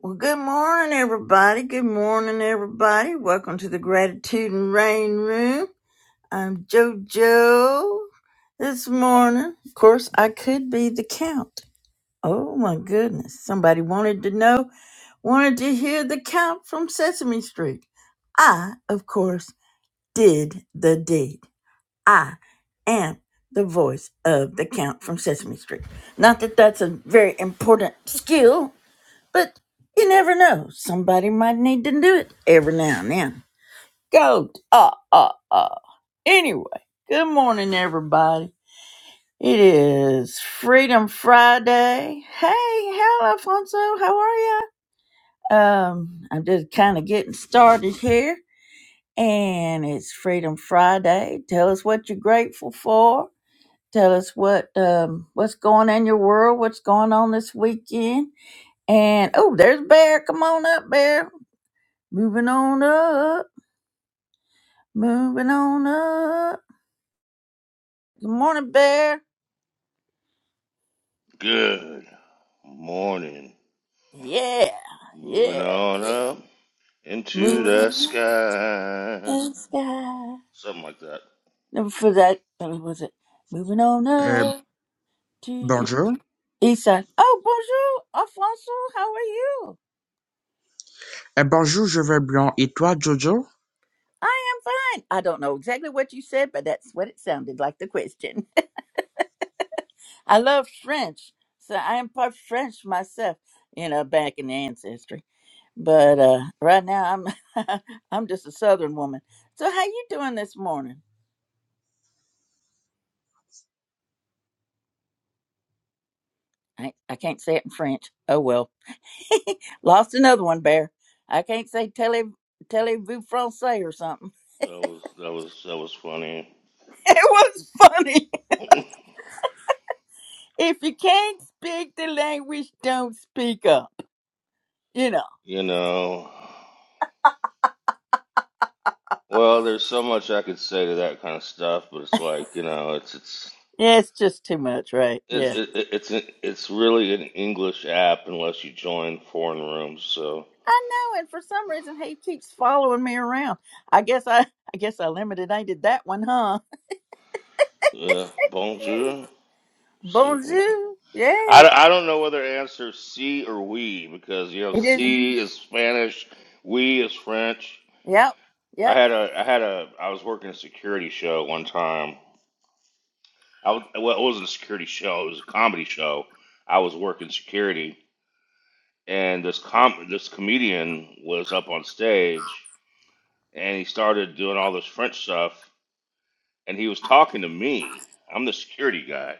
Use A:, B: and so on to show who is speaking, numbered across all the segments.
A: Well, good morning, everybody. Good morning, everybody. Welcome to the Gratitude and Rain Room. I'm JoJo this morning. Of course, I could be the count. Oh, my goodness. Somebody wanted to know, wanted to hear the count from Sesame Street. I, of course, did the deed. I am the voice of the count from Sesame Street. Not that that's a very important skill but you never know. Somebody might need to do it every now and then. Go. ah, ah, ah. Anyway, good morning, everybody. It is Freedom Friday. Hey, hello, Alfonso. How are you? Um, I'm just kind of getting started here. And it's Freedom Friday. Tell us what you're grateful for. Tell us what um what's going on in your world, what's going on this weekend. And oh, there's Bear. Come on up, Bear. Moving on up. Moving on up. Good morning, Bear.
B: Good morning.
A: Yeah.
B: Moving
A: Yeah.
B: on up into
A: Moving
B: the
A: on up
B: sky.
A: to the sky.
B: Something like that.
A: Never for that. What was it? Moving on
C: Eh,
A: up to the
C: bonjour.
A: east side. Oh, bonjour, Alfonso. How are you?
C: Eh, bonjour, je vais bien. Et toi, Jojo?
A: I am fine. I don't know exactly what you said, but that's what it sounded like the question. I love French, so I am part French myself, you know, back in the ancestry. But uh, right now, I'm I'm just a Southern woman. So how you doing this morning? I I can't say it in French. Oh well, lost another one, Bear. I can't say tele vous français or something.
B: That was that was that was funny.
A: It was funny. If you can't speak the language, don't speak up. You know.
B: you know. Well, there's so much I could say to that kind of stuff, but it's like you know, it's it's
A: Yeah, it's just too much, right?
B: it's
A: Yeah.
B: it, it's it's really an English app unless you join foreign rooms. So
A: I know, and for some reason he keeps following me around. I guess I I guess I limited aided that one, huh?
B: yeah, bonjour. So,
A: Bonjour. Yeah.
B: I, I don't know whether to answer C or we because you know
A: It is.
B: C is Spanish, we is French.
A: Yep.
B: I
A: Yep.
B: had a I had a I was working a security show one time. I was, well, it wasn't a security show; it was a comedy show. I was working security, and this com this comedian was up on stage, and he started doing all this French stuff, and he was talking to me. I'm the security guy,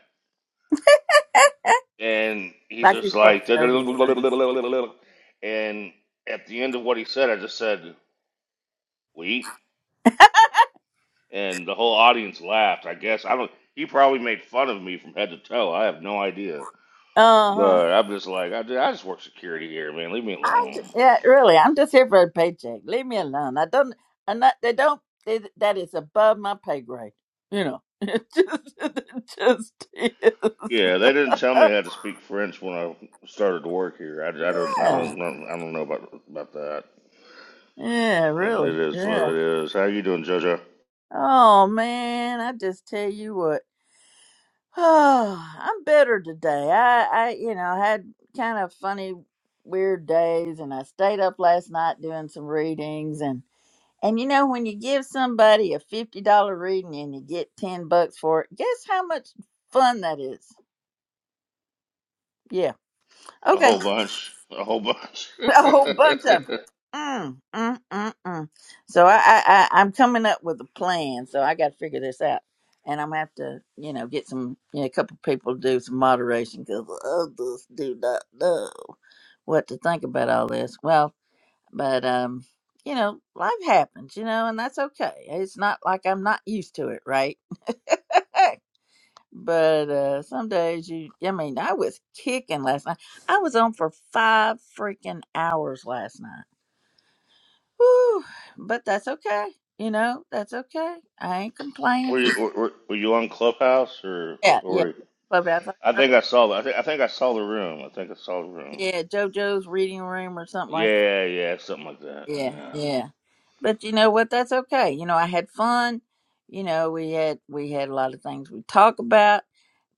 B: and he's
A: like you're
B: just
A: supposed
B: like,
A: to
B: and
A: know these things.
B: at the end of what he said, I just said, "We," and the whole audience laughed. I guess I don't. He probably made fun of me from head to toe. I have no idea,
A: Uh huh.
B: but I'm just like, I, I just work security here, man. Leave me
A: I
B: alone.
A: j- yeah, really. I'm just here for a paycheck. Leave me alone. I don't. I'm not. They don't. They, that is above my pay grade. You know. It just, it just is.
B: Yeah, they didn't tell me how to speak French when I started to work here. I, I don't, I
A: yeah.
B: don't, know- I don't know about about that.
A: Yeah.
B: It
A: Really.
B: is what
A: Yeah.
B: it is. How you doing, JoJo?
A: Oh man. I just tell you what. Oh, I'm better today. I, I, you know, had kind of funny, weird days, and I stayed up last night doing some readings, and and you know, when you give somebody a fifty dollar reading and you get ten bucks for it, guess how much fun that is? Yeah.
B: A
A: Okay.
B: whole bunch. A whole bunch.
A: a whole bunch of 'em. Mm, mm, mm, mm. So I, I, I, I'm coming up with a plan. So I got to figure this out, and I'm gonna have to, you know, get some, you know, a couple people to do some moderation because others do not know what to think about all this. Well, but um, you know, life happens, you know, and that's okay. It's not like I'm not used to it, right? But uh, some days you, I mean, I was kicking last night. I was on for five freaking hours last night Whew, but that's okay. You know, that's okay. I ain't complaining.
B: Were you,
A: For,
B: were, were you on Clubhouse or
A: yeah,
B: or?
A: yeah.
B: Were you?
A: Clubhouse.
B: I think I saw. the- I think I think I saw the room. I think I saw the room.
A: Yeah, JoJo's reading room or something like that.
B: Yeah, yeah, something like that.
A: Yeah,
B: Yeah.
A: yeah. But you know what? That's okay. You know, I had fun. You know, we had we had a lot of things we talk about.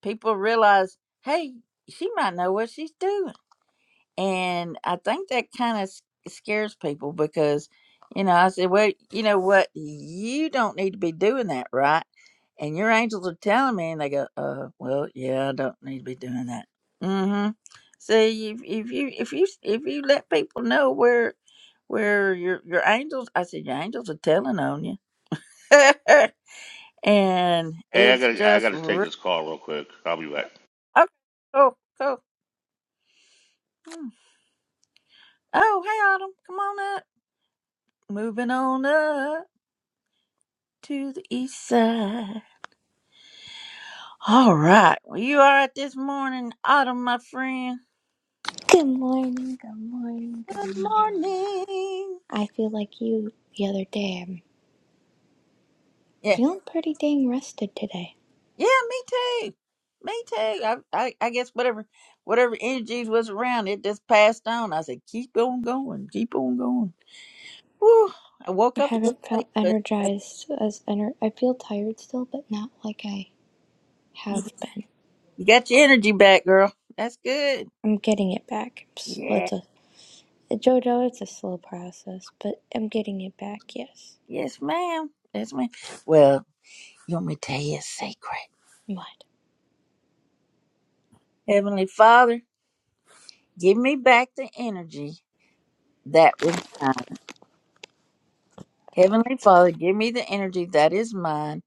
A: People realize, hey, she might know what she's doing. And I think that kind of scares people because, you know, I said, well, you know what? You don't need to be doing that, right? And your angels are telling me, and they go, uh, well, yeah, I don't need to be doing that. Mm hmm. See, if, if you if you if you let people know where where your your angels, I said your angels are telling on you, and
B: Hey, I
A: it's
B: gotta I
A: just
B: gotta take
A: re-
B: this call real quick. I'll be back.
A: okay, cool, cool. Mm. Oh, hey Autumn, come on up. Moving on up. to the east side. All right. Well, you all right this morning, Autumn, my friend?
D: Good morning, good morning, good morning.
A: Good morning.
D: I feel like you the other day. I'm
A: Yeah.
D: feeling pretty dang rested today.
A: Yeah, me too. Me too. I, I, I guess whatever whatever energies was around, it just passed on. I said, keep on going. Keep on going. Whew. I woke
D: I
A: up a little
D: haven't
A: late,
D: felt
A: but that's-
D: energized as ener- I feel tired still, but not like I have been.
A: you got your energy back, girl. That's good.
D: I'm getting it back. It's, well,
A: Yeah.
D: it's a Jojo. It's a slow process, but I'm getting it back. Yes.
A: Yes, ma'am. Yes, ma'am. Well, you want me to tell you a secret?
D: What?
A: Heavenly Father, give me back the energy that was mine. Heavenly Father, give me the energy that is mine,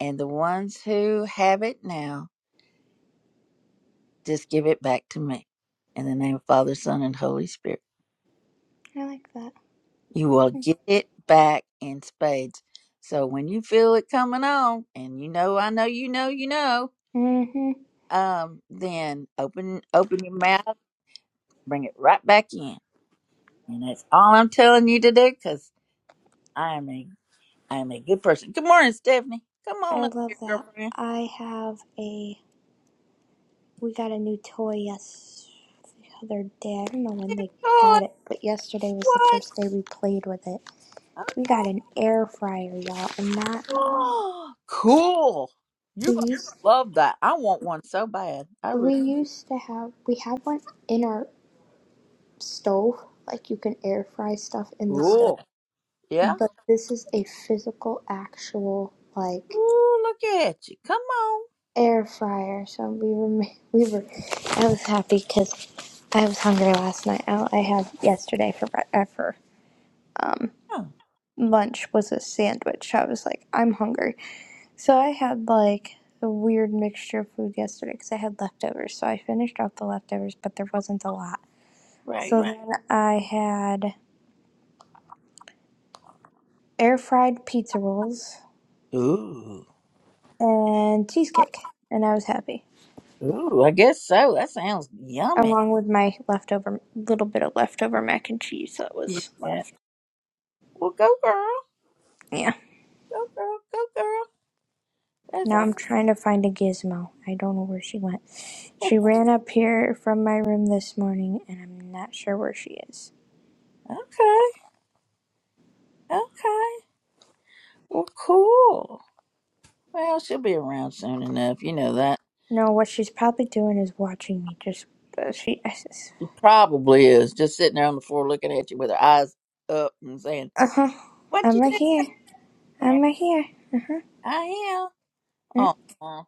A: and the ones who have it now, just give it back to me. In the name of Father, Son, and Holy Spirit,
D: I like that.
A: you will get it back in spades. So when you feel it coming on, and you know, I know, you know, you know,
D: Mhm.
A: um, then open open your mouth, bring it right back in, and that's all I'm telling you to do. Because I am a I am a good person. Good morning, Stephanie. Come
D: I
A: on up here,
D: love that.
A: girlfriend.
D: I have a. We got a new toy. Yes. other day. I don't know when they got it,
A: Joy,
D: but yesterday was the first day we played with it. We got an air fryer, y'all, and that
A: Oh, cool. You're
D: we
A: going
D: used
A: to love that. I want one so bad. I really
D: we used to have we have one in our stove, like you can air fry stuff in the stove.
A: cool. Yeah.
D: But this is a physical, actual like
A: Ooh, look at you. Come on.
D: air fryer. So we were we were I was happy because I was hungry last night. All I had yesterday for bre- uh, for um
A: Huh,
D: lunch was a sandwich. I was like, I'm hungry. So I had like a weird mixture of food yesterday because I had leftovers. So I finished off the leftovers, but there wasn't a lot. So
A: Right?
D: Right. then I had air fried pizza rolls
A: Ooh.
D: and cheesecake, and I was happy.
A: Ooh, I guess so. That sounds yummy.
D: Along with my leftover little bit of leftover mac and cheese that was
A: Yeah.
D: left.
A: Well, go girl.
D: Yeah.
A: Go girl. Go girl. That's
D: Now
A: all.
D: I'm trying to find a gizmo. I don't know where she went. She ran up here from my room this morning, and I'm not sure where she is.
A: Okay. Okay. Well, cool. Well, she'll be around soon enough. You know that.
D: No, what she's probably doing is watching me. Just uh, she.
A: She probably is. Just sitting there on the floor looking at you with her eyes up and saying,
D: Uh huh.
A: what
D: I'm
A: you
D: right here.
A: And
D: I'm right here. Uh huh.
A: I
D: Yeah.
A: am. Oh,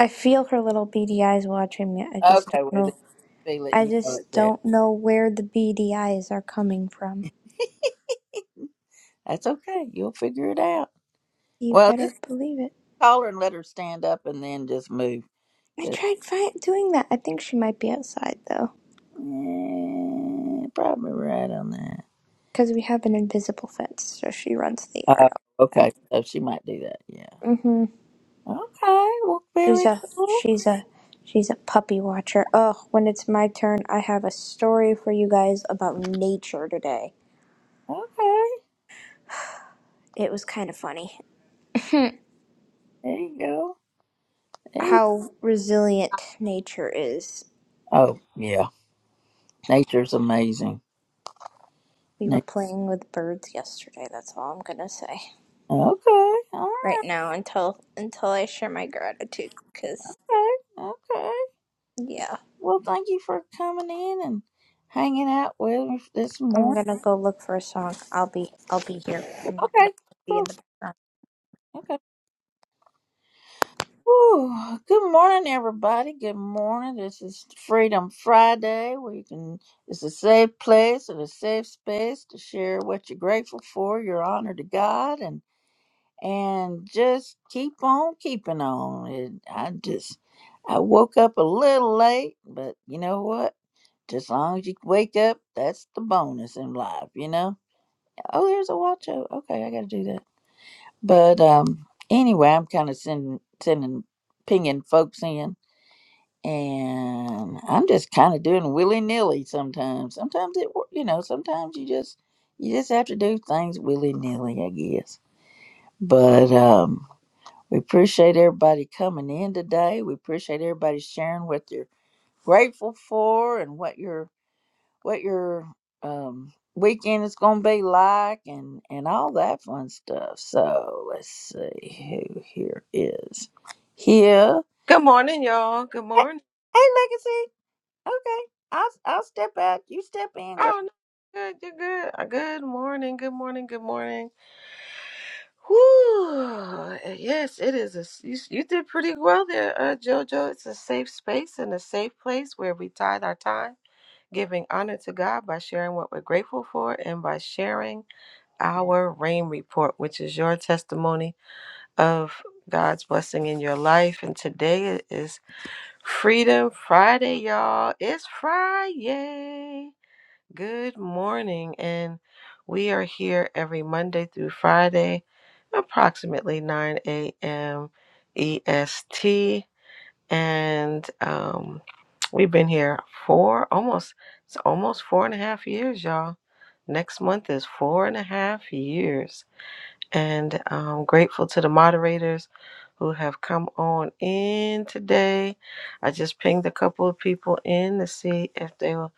D: I feel her little beady eyes watching me. I just
A: okay.
D: don't
A: Well, then
D: know.
A: feel it.
D: I
A: You know it's
D: just
A: there.
D: don't know where the beady eyes are coming from.
A: That's okay. You'll figure it out.
D: You
A: Well,
D: better
A: just
D: believe it.
A: call her and let her stand up, and then just move.
D: I
A: 'Cause-
D: tried fi- doing that. I think she might be outside though,
A: Eh, probably right on that.
D: because we have an invisible fence, so she runs the yard
A: Oh,
D: all the time.
A: okay. So she might do that. Yeah.
D: Mm hmm.
A: Okay. Well,
D: She's
A: very
D: a
A: cool.
D: she's a she's a puppy watcher. Oh, when it's my turn, I have a story for you guys about nature today.
A: Okay.
D: It was kind of funny
A: There you go. There you-
D: how resilient nature is.
A: oh, yeah. Nature's amazing.
D: We
A: Na-
D: were playing with birds yesterday. That's all I'm gonna say
A: okay. All
D: right now until until I share my gratitude. Cause
A: right. Okay.
D: yeah,
A: Well, thank you for coming in and hanging out with me this
D: I'm
A: morning.
D: gonna go look for a song. I'll be I'll be here. I'm not gonna
A: Okay,
D: be in
A: cool.
D: the background.
A: Okay. Whew. Good morning, everybody. Good morning. This is Freedom Friday, where you can, it's a safe place and a safe space to share what you're grateful for, your honor to God, and and just keep on keeping on. And I just, I woke up a little late, but you know what? Just as long as you wake up, that's the bonus in life, you know? Oh, there's a watch out. Okay, I gotta do that. But um anyway, I'm kinda sending sending pinging folks in and I'm just kinda doing willy nilly sometimes. Sometimes it wor- you know, sometimes you just you just have to do things willy nilly, I guess. But um we appreciate everybody coming in today. We appreciate everybody sharing what you're grateful for and what you're what your um weekend is gonna be like and and all that fun stuff so let's see who here is here
E: Good morning, y'all. Good
A: hey
E: morning.
A: hey, legacy okay i'll i'll step out you step in girl
E: Oh, no, good. You're good. Uh, Good morning. Good morning. Good morning. Whoo! Yes, it is. A, s- you, s- you did pretty well there, uh, JoJo. It's a safe space and a safe place where we tithe our time, giving honor to God by sharing what we're grateful for and by sharing our rain report, which is your testimony of God's blessing in your life. And today is Freedom Friday, y'all. It's Friday. Good morning, and we are here every Monday through Friday, approximately 9 a.m. EST, and um, we've been here for almost it's almost four and a half years, y'all. Next month is four and a half years, and I'm grateful to the moderators who have come on in today. I just pinged a couple of people in to see if they will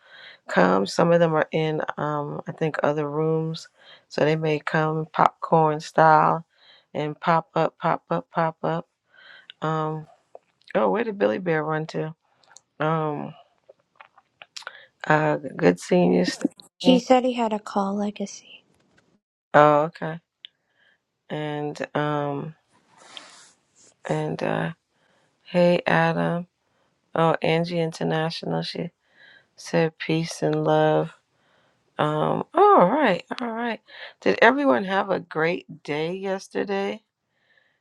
E: come. Some of them are in, um, I think, other rooms. So they may come popcorn style and pop up, pop up, pop up. Um, oh, where did Billy Bear run to? Um, uh, good seeing you,
D: He
E: Stephanie.
D: said he had a call legacy.
E: Oh, okay. And, um, and, uh, hey, Adam. Oh, Angie International. She said peace and love. Um, all right, all right. Did everyone have a great day yesterday?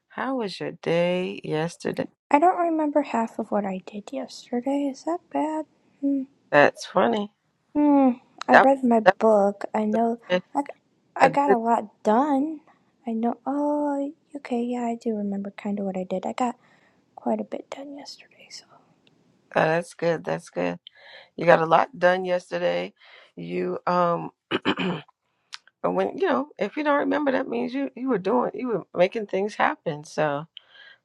E: How was your day yesterday?
D: I don't remember half of what I did yesterday. Is that bad? Hmm.
E: That's funny.
D: Hmm. I
E: That
D: read my
E: that
D: book. I know.
E: was
D: I I
E: a a
D: got a
E: good.
D: lot done. I know. Oh, okay. Yeah, I do remember kind of what I did. I got quite a bit done yesterday. So
E: Uh, that's good. That's good. You got a lot done yesterday. You um, but when you know, if you don't remember, that means you you were doing, you were making things happen. So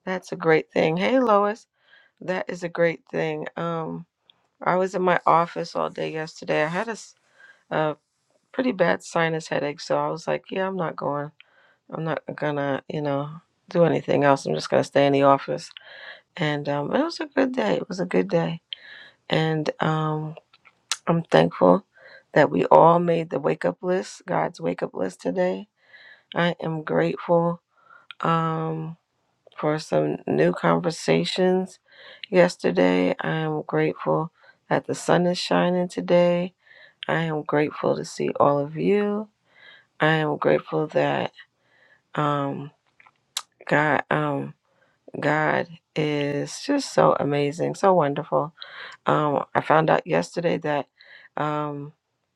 E: that's a great thing. Hey, Lois, that is a great thing. Um, I was in my office all day yesterday. I had a, s- a pretty bad sinus headache, so I was like, yeah, I'm not going. I'm not gonna, you know, do anything else. I'm just gonna stay in the office and um, it was a good day. It was a good day, and um, I'm thankful that we all made the wake up list, God's wake up list today. I am grateful um, for some new conversations yesterday. I am grateful that the sun is shining today. I am grateful to see all of you. I am grateful that um, God, um, God is just so amazing, so wonderful Um, I found out yesterday that um,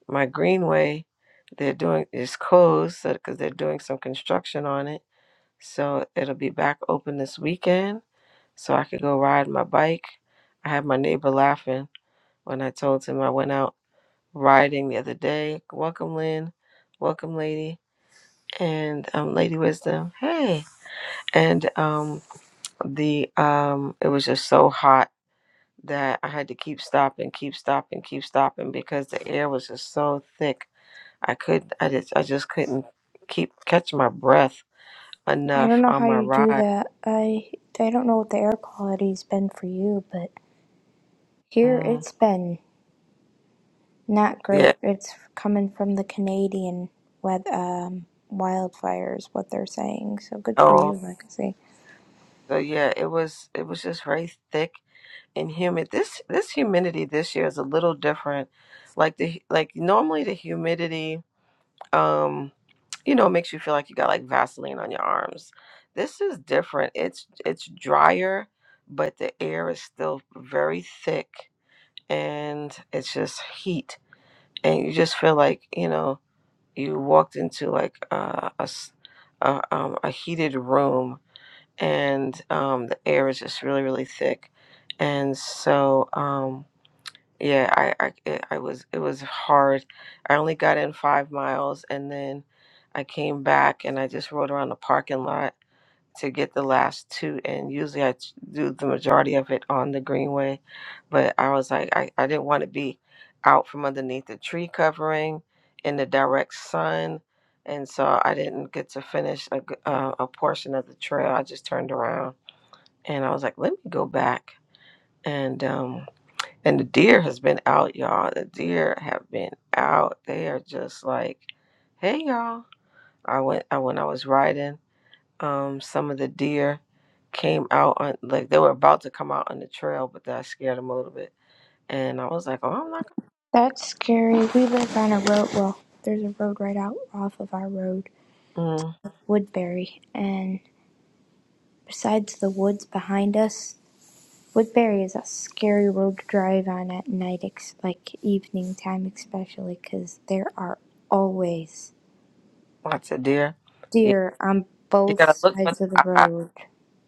E: my greenway they're doing is closed because they're doing some construction on it. So it'll be back open this weekend, so I could go ride my bike. I had my neighbor laughing when I told him I went out riding the other day. Welcome, Lynn. Welcome, lady. And um, Lady Wisdom, hey. And um, the um, it was just so hot that I had to keep stopping, keep stopping, keep stopping because the air was just so thick. I could, I just, I just couldn't keep catch my breath
D: I don't
E: enough
D: know
E: on
D: how
E: my
D: you do
E: ride.
D: that. I I don't know what the air quality's been for you, but here
E: Mm.
D: it's been not
E: Yeah.
D: great. It's coming from the Canadian weather. Um, wildfires what they're saying so good for you
E: Oh,
D: like I legacy
E: so yeah, it was, it was just very thick and humid. This, this humidity this year is a little different. Like the, like normally the humidity um you know it makes you feel like you got like vaseline on your arms this is different it's it's drier but the air is still very thick and it's just heat and you just feel like you know you walked into like uh, a s- a, um, a heated room and um, the air is just really really thick and so um, yeah, I I it, I was it was hard. I only got in five miles and then I came back and I just rode around the parking lot to get the last two and usually I t- do the majority of it on the greenway, but I was like I, I didn't want to be out from underneath the tree covering in the direct sun and so I didn't get to finish a g- uh, a portion of the trail. I just turned around and I was like, let me go back and um and the deer has been out, y'all. The deer have been out. They are just like, hey, y'all. I went I, when I was riding. Um, some of the deer came out on like they were about to come out on the trail, but that scared them a little bit. And I was like, oh, I'm not.
D: That's scary. We live on a road. Well, there's a road right out off of our road,
E: Gonna, mm,
D: Woodbury. And besides the woods behind us, Woodbury is a scary road to drive on at night, ex- like evening time especially, 'cause there are always
E: lots of deer. You,
D: deer on
E: you
D: both
E: gotta look for
D: sides of the
E: the eye.
D: road.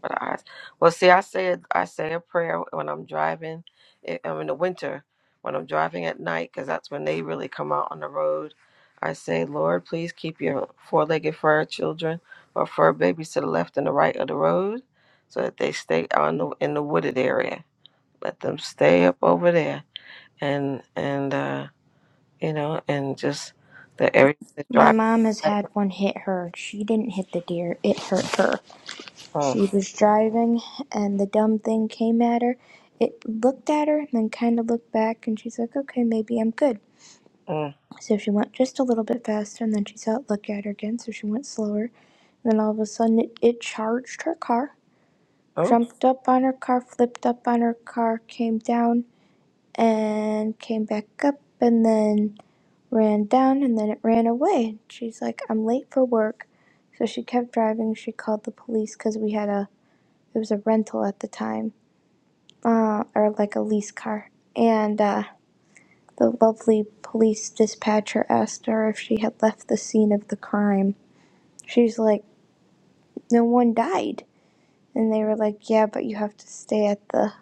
E: But I, well, see, I say it- I say a prayer when I'm driving. i- um, in the winter when I'm driving at night, because that's when they really come out on the road. I say, Lord, please keep your four-legged fur children or fur babies to the left and the right of the road, so that they stay on the in the wooded area. Let them stay up over there, and and uh, you know, and just the area that's
D: My
E: driving.
D: mom has had one hit her. She didn't hit the deer, it hurt her. She
E: Mm,
D: was driving and the dumb thing came at her. It looked at her and then kind of looked back and she's like, okay, maybe I'm good.
E: mm,
D: So she went just a little bit faster and then she saw it look at her again, so she went slower. And then all of a sudden it, it charged her car,
E: oh,
D: jumped up on her car, flipped up on her car, came down and came back up and then ran down and then it ran away. She's like, I'm late for work. So she kept driving. She called the police because we had a, it was a rental at the time uh, or like a lease car. And uh, the lovely police dispatcher asked her if she had left the scene of the crime. She's like, No one died. And they were like, Yeah, but you have to stay at the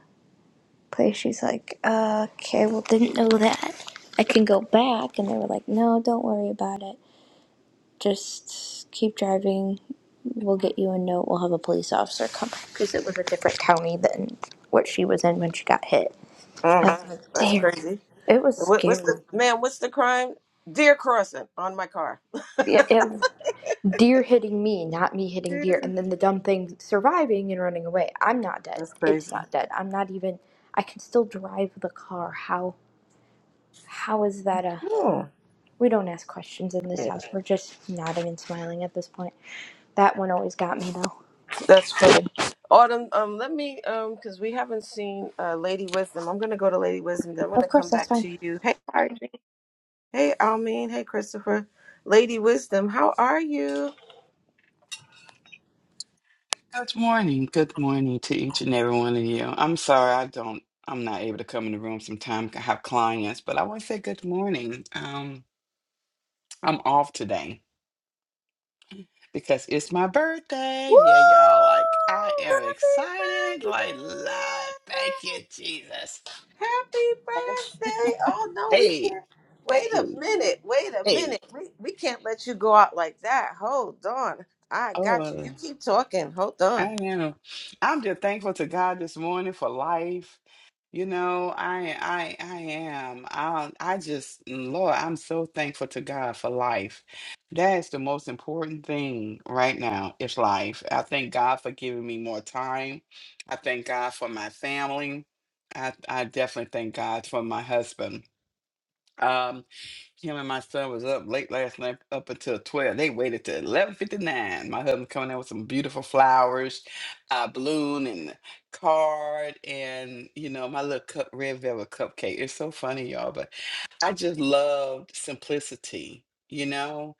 D: place. She's like, uh, Okay, well, didn't know that. I can go back. And they were like, No, don't worry about it. Just keep driving. We'll get you a note. We'll have a police officer come. Because it was a different county than what she was in when she got hit. I
E: mm,
D: was like,
E: that's
D: Damn.
E: crazy.
D: It was
E: What, what's the
D: scary.
E: ma'am? What's the crime? Deer crossing on my car.
D: it, it deer hitting me, not me hitting
E: Yeah.
D: deer, and then the dumb thing surviving and running away. I'm not dead.
E: That's
D: It's
E: crazy.
D: not dead. I'm not even. I can still drive the car. How? How is that a?
E: Oh,
D: We don't ask questions in this
E: yeah.
D: house. We're just nodding and smiling at this point. That one always got me though.
E: That's funny. Autumn, um, let me, um, because we haven't seen uh, Lady Wisdom. I'm gonna go to Lady Wisdom. Then I'm
D: Of
E: gonna
D: course,
E: come
D: that's
E: back
D: fine.
E: to you. Hey, Audrey. Hey, Almeen. Hey, Christopher. Lady Wisdom, how are you?
F: Good morning. Good morning to each and every one of you. I'm sorry I don't I'm not able to come in the room sometime. I have clients, but I want to say good morning. Um I'm off today because it's my birthday.
E: Woo!
F: Yeah, y'all. Like I am
E: Happy
F: excited. Like Lord, thank
E: birthday!
F: you, Jesus.
E: Happy birthday. Oh no, we
F: hey,
E: can't. Wait a
F: hey,
E: minute. Wait a
F: hey.
E: minute. We we can't let you go out like that. Hold on. I got you. You
F: Oh
E: keep talking. Hold on.
F: I know. I'm just thankful to God this morning for life. You know, I I I am. I I just Lord, I'm so thankful to God for life. That's the most important thing right now is life. I thank God for giving me more time. I thank God for my family. I I definitely thank God for my husband. Um, him and my son was up late last night, up until twelve. They waited till eleven fifty nine. My husband coming in with some beautiful flowers, uh, balloon and card, and you know my little cup, red velvet cupcake. It's so funny, y'all, but I just loved simplicity. You know,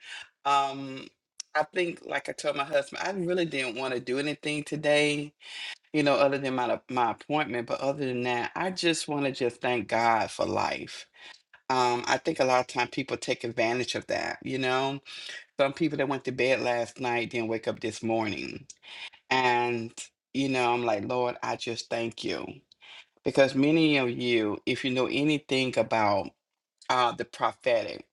F: um, I think, like I told my husband, I really didn't want to do anything today. You know, other than my my appointment, but other than that, I just want to just thank God for life um, I think a lot of time people take advantage of that, you know? Some people that went to bed last night didn't wake up this morning. And, you know, I'm like, Lord, I just thank you. Because many of you, if you know anything about uh, the prophetic,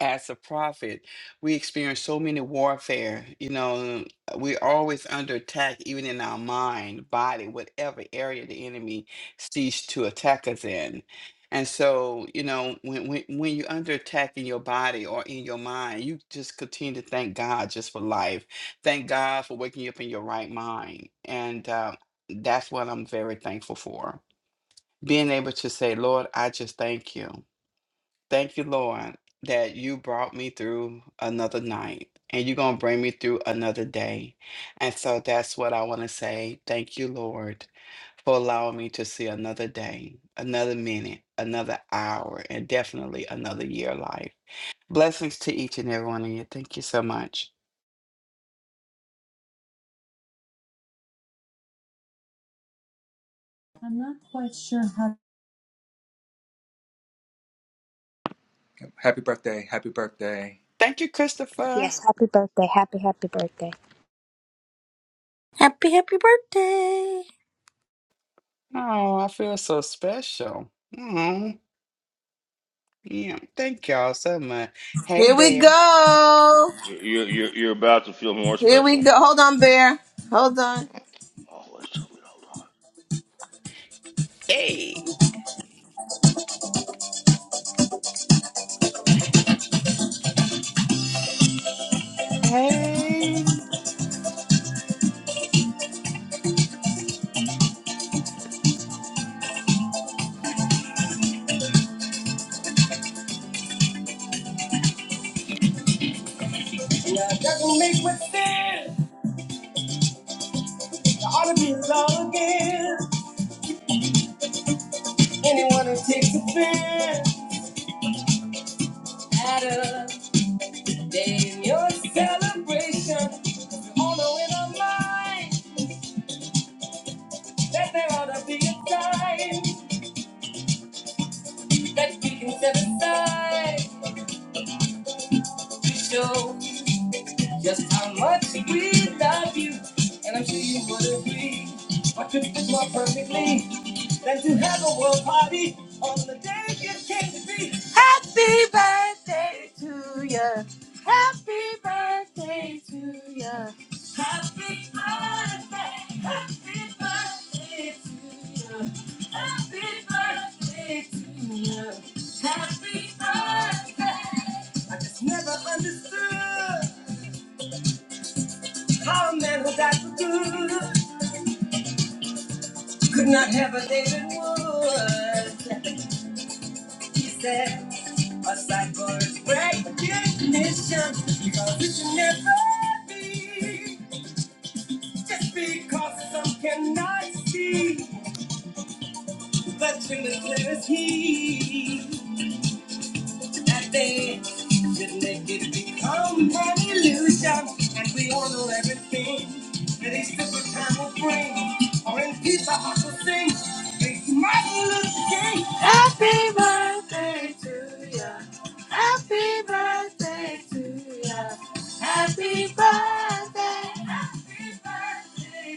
F: as a prophet, we experience so many warfare. You know, we're always under attack, even in our mind, body, whatever area the enemy sees to attack us in. And so, you know, when, when when you're under attack in your body or in your mind, you just continue to thank God just for life. Thank God for waking you up in your right mind. And uh, that's what I'm very thankful for. Being able to say, Lord, I just thank you. Thank you, Lord, that you brought me through another night and you're going to bring me through another day. And so that's what I want to say. Thank you, Lord, for allowing me to see another day, another minute, another hour, and definitely another year of life. Blessings to each and every one of you. Thank you so much.
E: I'm not quite sure how.
G: Happy birthday. Happy birthday.
F: Thank you, Christopher.
D: Yes, happy birthday, happy happy birthday,
A: Happy, happy birthday!
F: Oh, I feel so special. Oh, yeah. Thank y'all so much. Hey,
E: Here we
F: Bear.
E: go.
B: You're you're, you're about to feel more
E: Here we
B: special.
E: go. Hold on, Bear. Hold on.
B: Always tell me to hold on.
F: Hey. Hey.
E: Now, doesn't make much sense. I ought to be in love again. Anyone who takes offense at a day in your celebration, all know in our mind. that there ought to be a time that we can set aside to show just how much we love you. And I'm sure you would agree. What could fit more perfectly than to have a world party on the day it came to be? Happy birthday to ya! Happy birthday to ya! Happy, happy birthday to ya! Happy birthday! I just never understood. How a man who died for good could not have a David Wood. He said, a sight for his recognition, because it should never be. Just because some cannot see, the truth is clear as he. nothing. Just let it become an illusion, and we all know everything that a time will bring. Or in peace, our sing. Make Martin Luther King. Happy birthday to, happy birthday to ya. Happy birthday, happy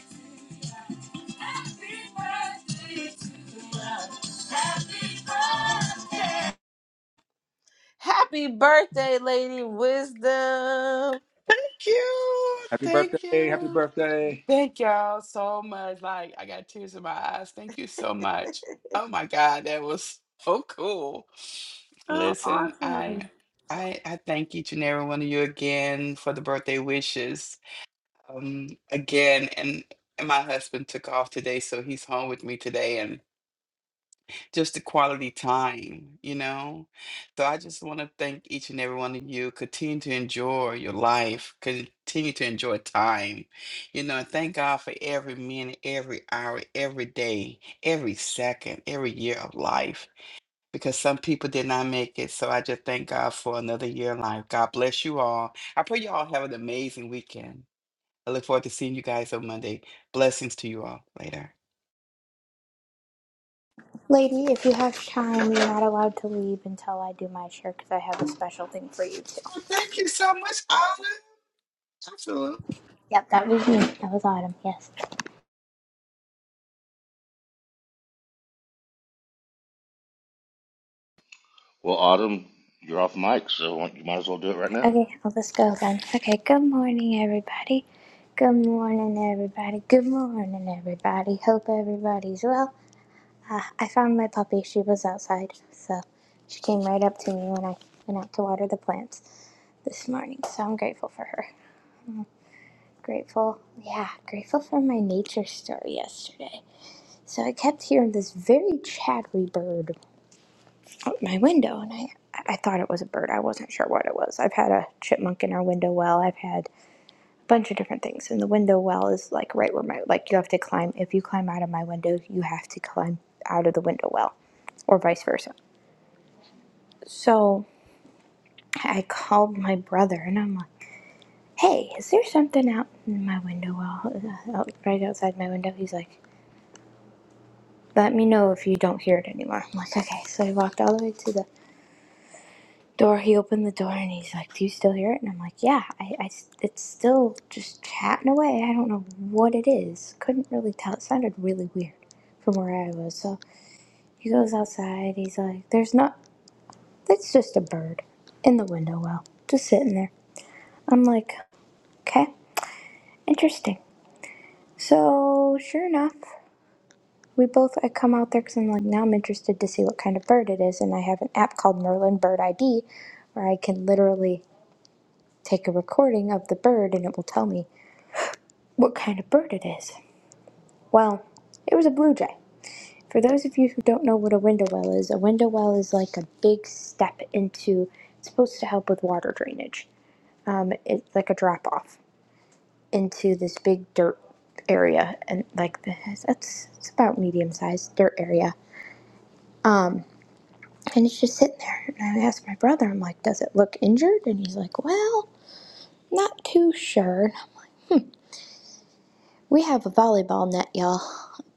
E: birthday to ya. Happy birthday, Lady Wisdom.
F: Thank you.
G: Happy
F: Thank
G: birthday. Happy
F: you.
G: birthday.
F: Thank y'all so much. Like, I got tears in my eyes. Thank you so much. Oh my God, that was so cool. Listen, I I I thank each and every one of you again for the birthday wishes. Um again and and my husband took off today, so he's home with me today just the quality time, you know? So I just want to thank each and every one of you. Continue to enjoy your life, continue to enjoy time, you know, and thank God for every minute, every hour, every day, every second, every year of life, because some people did not make it. So I just thank God for another year of life. God bless you all. I pray you all have an amazing weekend. I look forward to seeing you guys on Monday. Blessings to you all later.
D: lady. If you have time, you're not allowed to leave until I do my share because I have a special thing for you too.
F: Oh, Thank you so much, Olive. Absolutely.
D: Yep, that was me. That was Autumn. Yes.
B: Well, Autumn, you're off mic, so you might as well do it right now.
D: Okay, well, let's go then. Okay, good morning, everybody. Good morning, everybody. Good morning, everybody. Hope everybody's well. Uh, I found my puppy. She was outside, so she came right up to me when I went out to water the plants this morning. So I'm grateful for her. Grateful, yeah, grateful for my nature story yesterday. So I kept hearing this very chattery bird out my window, and I I thought it was a bird. I wasn't sure what it was. I've had a chipmunk in our window well. I've had bunch of different things. And the window well is like right where my like you have to climb. If you climb out of my window, you have to climb out of the window well, or vice versa. So I called my brother and I'm like, "Hey, is there something out in my window well, uh, right outside my window?" He's like, "Let me know if you don't hear it anymore." I'm like, "Okay." So I walked all the way to the door he opened the door and he's like do you still hear it and i'm like yeah I, I, it's still just chatting away i don't know what it is couldn't really tell it sounded really weird from where i was so he goes outside he's like there's not it's just a bird in the window well just sitting there i'm like okay interesting so sure enough we both i come out there because i'm like now i'm interested to see what kind of bird it is and i have an app called merlin bird id where i can literally take a recording of the bird and it will tell me what kind of bird it is. Well, it was a blue jay. For those of you who don't know what a window well is, a window well is like a big step into, it's supposed to help with water drainage. Um, it's like a drop off into this big dirt area, and like this, that's it's about medium sized dirt area. And it's just sitting there. And I asked my brother, I'm like, does it look injured? And he's like, well, not too sure. And We have a volleyball net, y'all.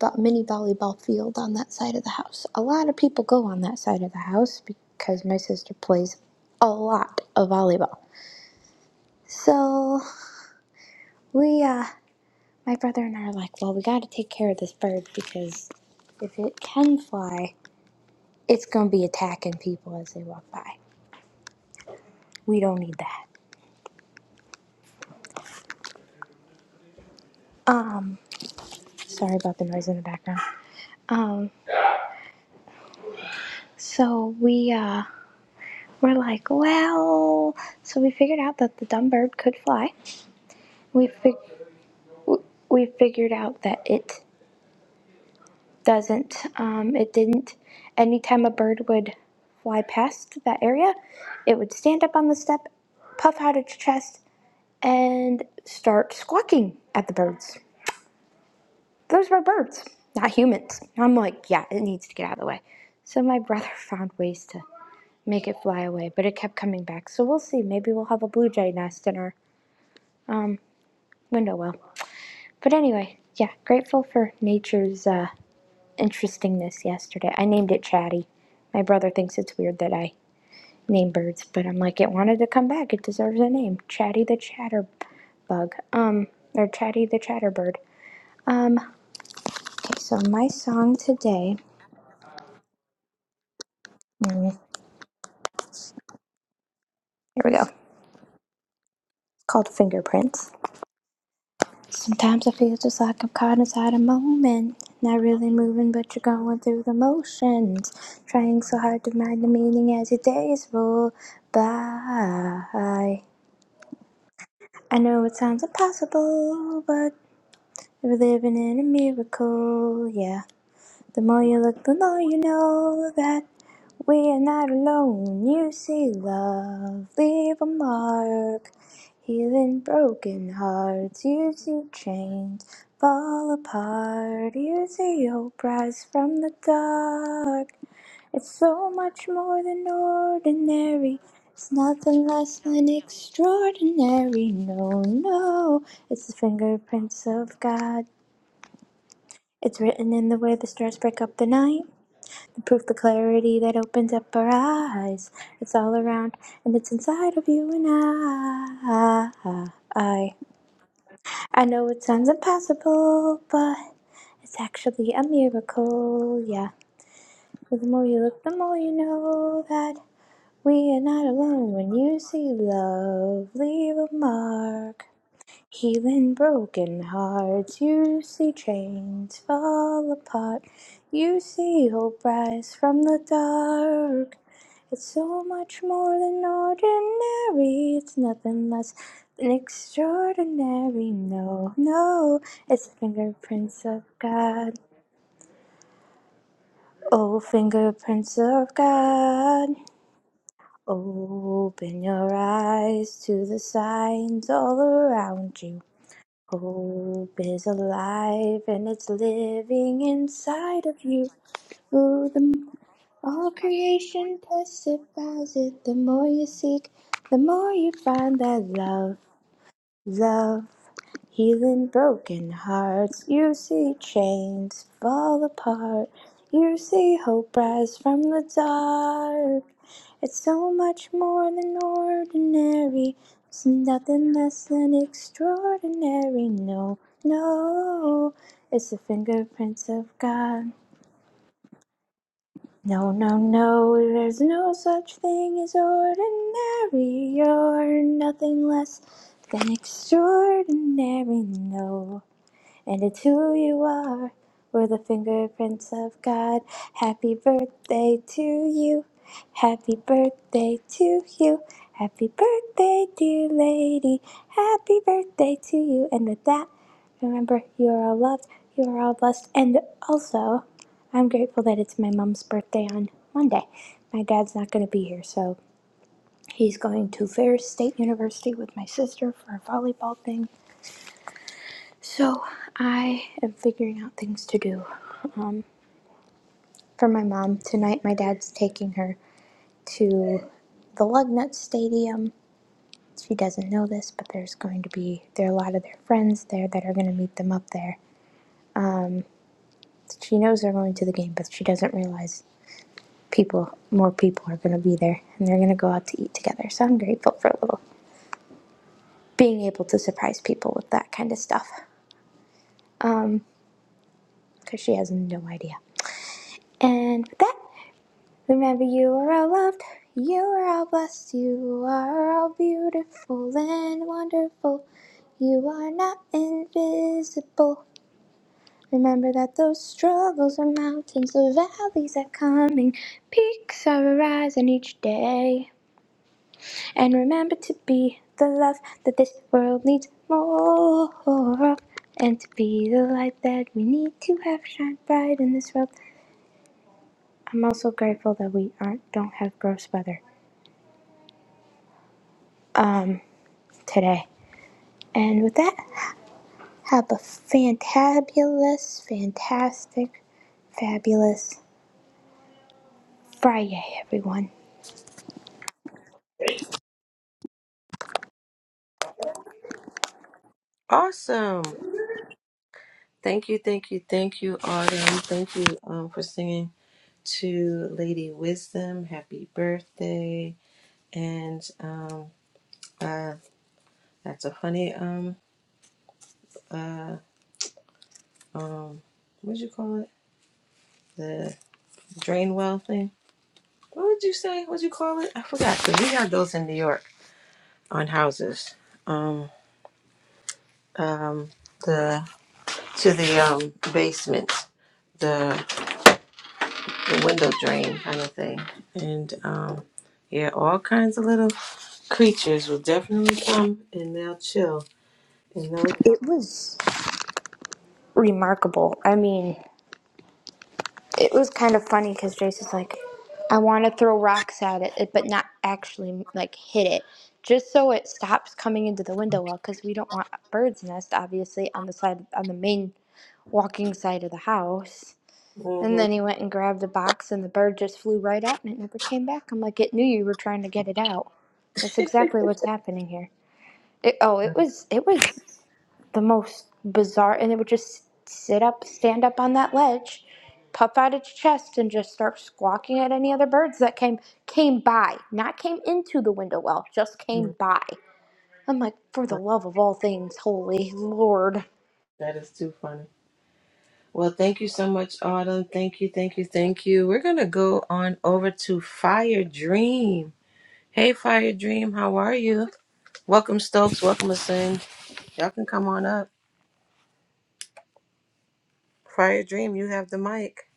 D: Vo- Mini volleyball field on that side of the house. A lot of people go on that side of the house because my sister plays a lot of volleyball. So we, uh, my brother and I are like, well, we got to take care of this bird because if it can fly, it's gonna be attacking people as they walk by. We don't need that. Um, sorry about the noise in the background. Um, so we, uh, we're like, well, so we figured out that the dumb bird could fly. we fig- we figured out that it doesn't um, it didn't anytime a bird would fly past that area it would stand up on the step puff out its chest and start squawking at the birds those were birds not humans i'm like yeah it needs to get out of the way so my brother found ways to make it fly away but it kept coming back so we'll see maybe we'll have a blue jay nest in our window well but anyway yeah grateful for nature's uh, interestingness yesterday. I named it Chatty. My brother thinks it's weird that I name birds, but I'm like, it wanted to come back. It deserves a name. Chatty the Chatterbug. Um, or Chatty the Chatterbird. Um, okay, so my song today, mm, here we go. It's called Fingerprints. Sometimes I feel just like I'm caught inside a moment. Not really moving, but you're going through the motions. Trying so hard to find the meaning as your days roll by. I know it sounds impossible, but we're living in a miracle, yeah. The more you look, the more you know that we are not alone. You see, love, leave a mark, healing broken hearts. You see, chains fall apart. You see, hope rise from the dark. It's so much more than ordinary. It's nothing less than extraordinary. No, no, it's the fingerprints of God. It's written in the way the stars break up the night. The proof, the clarity that opens up our eyes. It's all around and it's inside of you and I. I, I know it sounds impossible, but it's actually a miracle, yeah. The more you look, the more you know that. We are not alone when you see love leave a mark. Healing broken hearts, you see chains fall apart. You see hope rise from the dark. It's so much more than ordinary, it's nothing less than extraordinary. No, no, it's the fingerprints of God. Oh, fingerprints of God. Open your eyes to the signs all around you. Hope is alive and it's living inside of you. Oh, the m- all creation testifies it. The more you seek, the more you find that love. Love, healing broken hearts. You see chains fall apart. You see hope rise from the dark. It's so much more than ordinary. It's nothing less than extraordinary. No, no. It's the fingerprints of God. No, no, no, there's no such thing as ordinary. You're nothing less than extraordinary. No. And it's who you are. We're the fingerprints of God. Happy birthday to you. Happy birthday to you. Happy birthday, dear lady. Happy birthday to you. And with that, remember you are all loved, you are all blessed. And also, I'm grateful that it's my mom's birthday on Monday. My dad's not going to be here, so he's going to Ferris State University with my sister for a volleyball thing so I am figuring out things to do um, for my mom tonight. My dad's taking her to the Lugnut Stadium. She doesn't know this, but there's going to be there are a lot of their friends there that are going to meet them up there. She knows they're going to the game, but she doesn't realize people more people are going to be there, and they're going to go out to eat together. So I'm grateful for a little being able to surprise people with that kind of stuff because she has no idea. And with that. Remember, you are all loved, you are all blessed, you are all beautiful and wonderful. You are not invisible. Remember that those struggles are mountains, the valleys are coming, peaks are arising each day. And remember to be the love that this world needs more of, and to be the light that we need to have shine bright in this world. I'm also grateful that we aren't don't have gross weather. Um. today. And with that, have a fantabulous, fantastic, fabulous Friday, everyone.
E: Awesome. Thank you, thank you, thank you, Autumn. Thank you um, for singing to Lady Wisdom. Happy birthday! And um, uh, that's a funny um uh um what'd you call it? The drain well thing. What would you say? What'd you call it? I forgot. 'cause we had those in New York on houses. Um um the to the um basement the the window drain kind of thing. And um yeah, all kinds of little. creatures will definitely come and they'll chill. And
D: It was remarkable. I mean, it was kind of funny because Jason's like, I want to throw rocks at it, but not actually like hit it, just so it stops coming into the window well, because we don't want a bird's nest, obviously, on the side on the main walking side of the house. And
E: they'll,
D: then he went and grabbed the box, and the bird just flew right out, and it never came back. I'm like, it knew you were trying to get it out. That's exactly what's happening here. It, oh, it was it was the most bizarre, and it would just sit up, stand up on that ledge, puff out its chest, and just start squawking at any other birds that came came by, not came into the window well, just
E: Mhm.
D: came by. I'm like, for the love of all things holy, Lord.
E: That is too funny. Well, thank you so much, Autumn. Thank you, thank you, thank you. We're going to go on over to Fire Dream. Hey, Fire Dream, how are you? Welcome, Stokes. Welcome, Asin. Y'all can come on up. Fire Dream, you have the mic.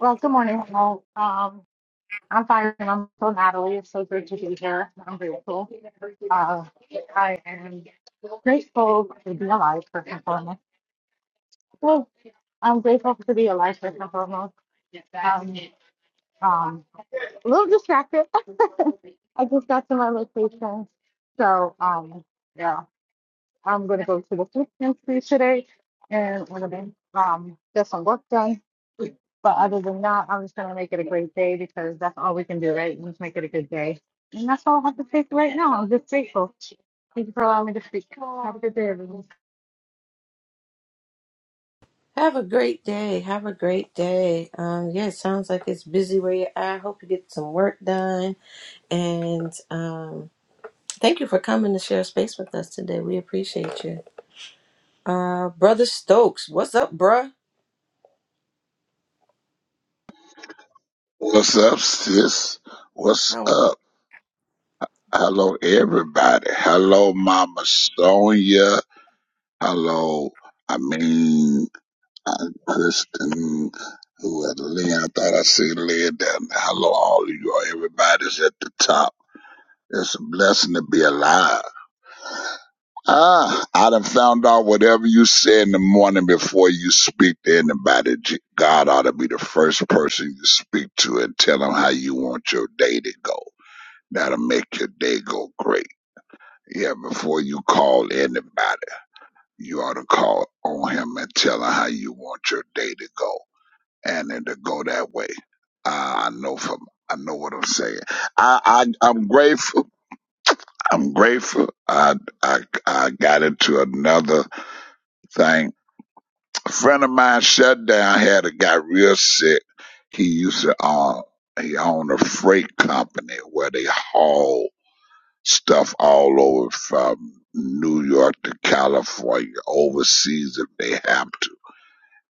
H: Well, good morning, all. Um, I'm fine. I'm so Natalie. It's so great to be here. I'm grateful. Uh, I am grateful to be alive, first and foremost. Well, I'm grateful to be alive, first and foremost. Um, um, a little distracted. I just got to my location. So, um, yeah, I'm going to go to the food pantry today and I'm going to um, get some work done But other than that, I'm just gonna make it a great day because that's all we can do, right? Just make it a good day. And that's all I have to say for right now. I'm just grateful. Thank you for allowing me to speak. Have a good day, everyone.
E: Have a great day. Have a great day. Um, yeah, it sounds like it's busy where you're at. Hope you get some work done. And um, Thank you for coming to share space with us today. We appreciate you. Uh Brother Stokes, what's up, bruh?
I: What's up, sis? What's
E: How are
I: up? Hello, everybody. Hello, Mama Sonia. Hello, I mean, Aunt Kristen. Who had Lynn? I thought I seen Lynn down there. Hello, all of you. Everybody's at the top. It's a blessing to be alive. Ah, I done found out whatever you say in the morning before you speak to anybody, G- God ought to be the first person you speak to and tell them how you want your day to go. That'll make your day go great. Yeah, before you call anybody, you ought to call on him and tell him how you want your day to go, and it'll go that way. Uh, I know from I know what I'm saying. I, I I'm grateful. I'm grateful. I I I got into another thing. A friend of mine shut down. Had a guy real sick. He used to own he owned a freight company where they haul. stuff all over from New York to California, overseas if they have to.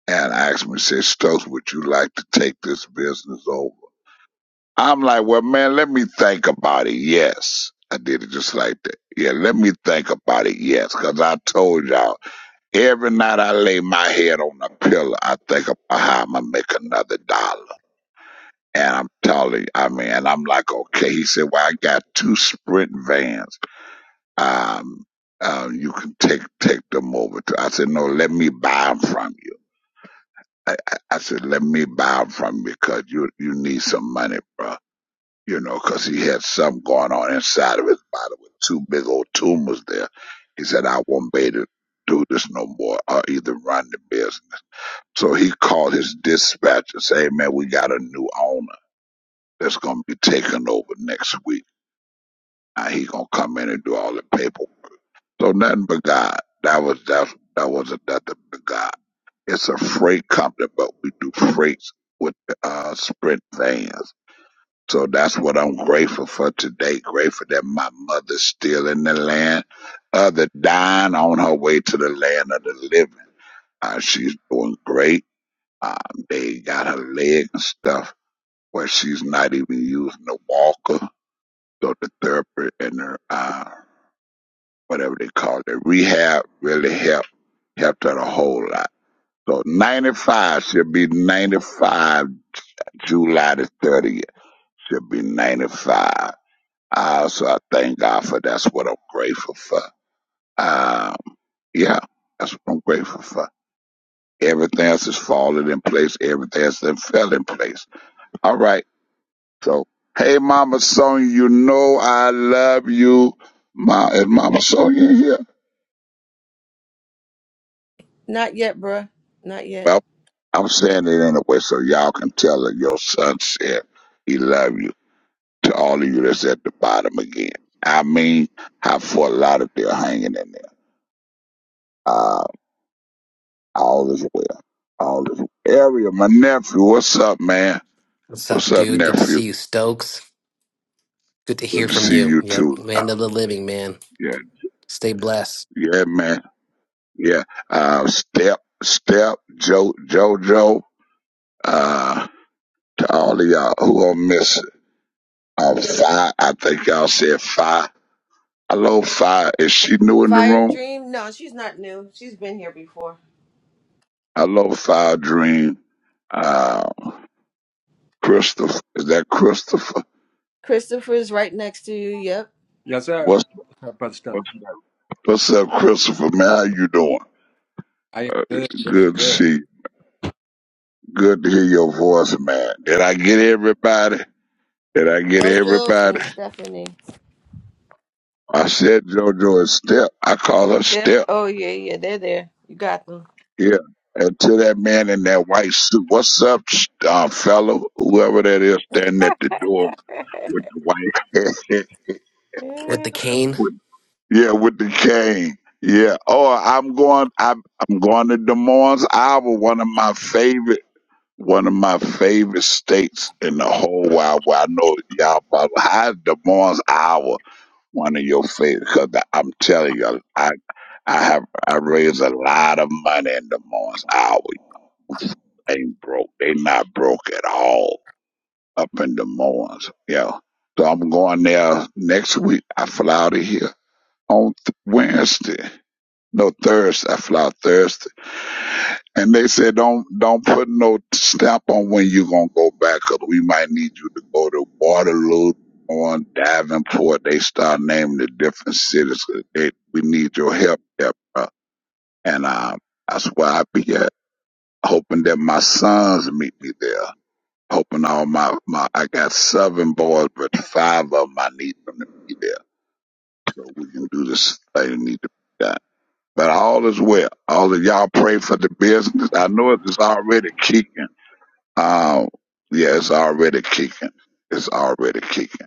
I: And asked me, said, Stokes, would you like to take this business over? I'm like, well, man, let me think about it. Yes. I did it just like that. Yeah, let me think about it. Yes. Because I told y'all, every night I lay my head on a pillow, I think about how I'm going to make another dollar. And I'm telling you, I mean, and I'm like, okay. He said, well, I got two sprint vans. Um, um, you can take take them over to. I said, no, let me buy them from you. I, I, I said, let me buy them from you because you you need some money, bro. You know, because he had something going on inside of his body with two big old tumors there. He said, I won't be able to do this no more or either run the business. So he called his dispatcher. and said, hey, man, we got a new owner that's going to be taking over next week. Now he going to come in and do all the paperwork So nothing but God. That was that that wasn't nothing but God. It's a freight company, but we do freights with uh sprint vans. So that's what I'm grateful for today. Grateful that my mother's still in the land of the dying on her way to the land of the living. Uh, she's doing great. Um, they got her leg and stuff where she's not even using a walker. So the therapist and her uh, whatever they call it, rehab really helped helped her a whole lot. So ninety five, she'll be ninety five July the thirtieth. She'll be ninety five. Uh, so I thank God for that's what I'm grateful for. Um, yeah, that's what I'm grateful for. Everything else is falling in place. Everything else then fell in place. All right. So hey, Mama Sonia, you know I love you. Ma, is Mama Sonia here?
E: Not yet, bruh. Not
I: Well.
E: yet.
I: I'm saying it in a way so y'all can tell her your son said he love you to all of you that's at the bottom again. I mean, how for a lot of you hanging in there. Uh, all is well. All is well. Area, my nephew, what's up, man?
J: What's up,
I: What's up,
J: dude? Good to
I: nephew?
J: see you, Stokes. Good to hear
I: Good to
J: from
I: see
J: you.
I: you
J: Yep,
I: too. Uh,
J: land of the living, man.
I: yeah,
J: Stay blessed.
I: yeah, man. Yeah. Uh, step, step, Joe, Jojo, uh, to all of y'all who are missing. Uh, five, I think y'all said five. I love fire. Is she new in the
E: Fire
I: room?
E: Dream? No, she's not new. She's been here before.
I: I love fire dream. Uh, Christopher, is that Christopher?
E: Christopher's right next to you. Yep.
G: Yes, sir.
I: What's
G: What's up, Brother
I: what's
G: Stokes?
I: what's up, Christopher? Man, how you doing?
G: I am
I: Uh,
G: good, good,
I: good to
G: good.
I: see. You. Good to hear your voice, man. Did I get everybody? Did I get
E: Jojo
I: everybody?
E: and Stephanie.
I: I said JoJo is Step. I call her
E: Yep.
I: Step.
E: Oh yeah, yeah. They're there. You got them.
I: Yeah. And to that man in that white suit, what's up, uh, fellow? Whoever that is standing at the door with the white
J: With the cane,
I: hat. Yeah, with the cane. Yeah. Oh, I'm going. I'm, I'm going to Des Moines, Iowa. One of my favorite, one of my favorite states in the whole wide world. I know y'all probably how is Des Moines, Iowa. One of your favorite, because I'm telling you, I I have I raised a lot of money in Des Moines, Iowa. Ain't broke. They not broke at all up in Des Moines. Yeah. So I'm going there next week. I fly out of here on th- Wednesday. No Thursday. I fly Thursday, and they said don't don't put no stamp on when you gonna go back, 'cause we might need you to go to Waterloo or Davenport. They start naming the different cities. 'cause They we need your help there, bro. and um, that's where I be at, hoping that my sons meet me there. Hoping all my my I got seven boys, but five of 'em I need them to be there, so we can do this. They need to be done. But all is well. All of y'all pray for the business. I know it's already kicking. Um, yeah, it's already kicking. It's already kicking.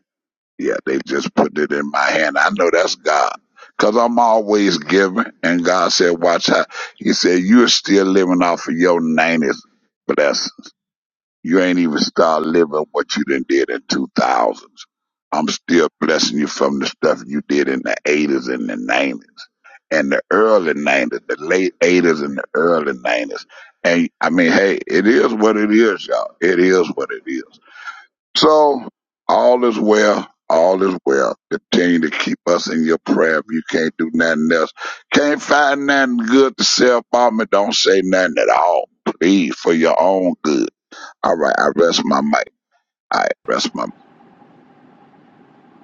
I: Yeah, they just put it in my hand. I know that's God. Cause I'm always giving. And God said, watch how, he said, you're still living off of your 90s blessings. You ain't even start living what you done did in 2000s. I'm still blessing you from the stuff you did in the 80s and the 90s and the early 90s, the late 80s and the early 90s. And I mean, hey, it is what it is, y'all. It is what it is. So all is well. All is well. Continue to keep us in your prayer if you can't do nothing else. Can't find nothing good to say about me. Don't say nothing at all. Please, for your own good. All right, I rest my mic. I rest my.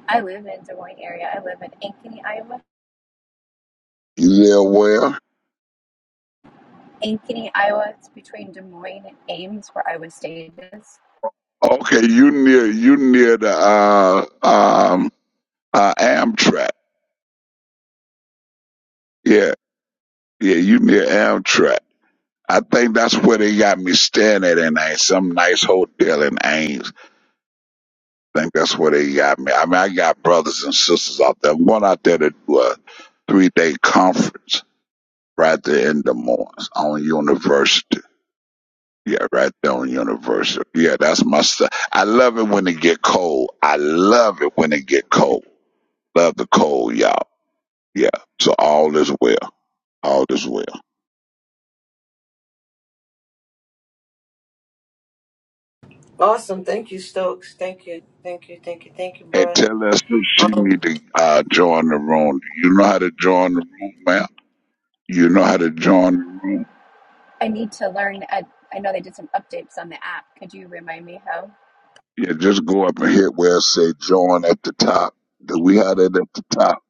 K: I live in Des Moines area. I live in Ankeny, Iowa.
I: You there? Where?
K: Ankeny, Iowa. It's between Des Moines and Ames, where Iowa State is.
I: Okay, you near you near the uh um uh Amtrak. Yeah, yeah, you near Amtrak. I think that's where they got me staying at in Ames, some nice hotel in Ames. I think that's where they got me. I mean, I got brothers and sisters out there. I'm going out there to do a three day conference right there in Des Moines on university. Yeah, right there on Universal. Yeah, that's my stuff. I love it when it get cold. I love it when it get cold. Love the cold, y'all. Yeah. So all is well. All is well.
E: awesome. Thank you, Stokes. Thank you. Thank you. Thank you. Thank you,
I: And
E: bruh.
I: tell us if she
E: Um,
I: need to uh, join the room. You know how to join the room, ma'am. You know how to join the room.
K: I need to learn. I, I know they did some updates on the app. Could you remind me how?
I: Yeah, just go up and hit where it say join at the top. Do we have it at the top?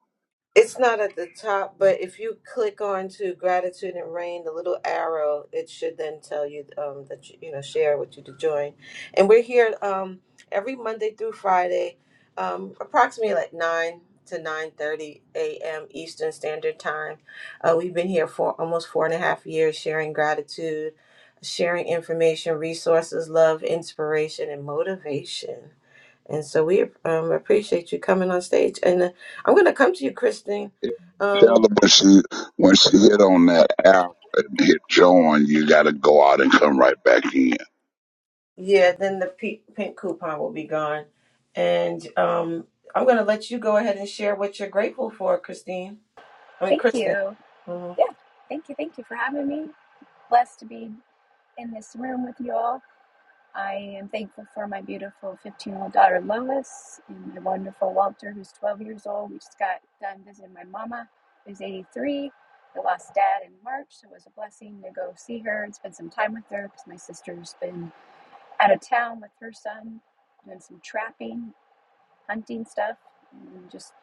E: It's not at the top, but if you click on to gratitude and rain, the little arrow, it should then tell you um, that you, you know share what you to join. And we're here um, every Monday through Friday, um, approximately like nine to nine thirty a.m. Eastern Standard Time. Uh, we've been here for almost four and a half years, sharing gratitude, sharing information, resources, love, inspiration, and motivation. And so we um, appreciate you coming on stage. And uh, I'm going to come to you, Kristen.
I: Yeah, Tell her
E: Um,
I: when she when she hit on that app and hit join, you gotta go out and come right back in.
E: yeah, then the pe- pink coupon will be gone. And um, I'm going to let you go ahead and share what you're grateful for, Christine. I mean,
K: Thank
E: Kristen.
K: you.
E: Mhm.
K: Yeah. Thank you. Thank you for having me. Blessed to be in this room with you all. I am thankful for my beautiful 15 year old daughter Lois and my wonderful Walter, who's 12 years old. We just got done visiting my mama, who's 83. I lost dad in March, so it was a blessing to go see her and spend some time with her because my sister's been out of town with her son, doing some trapping, hunting stuff, and just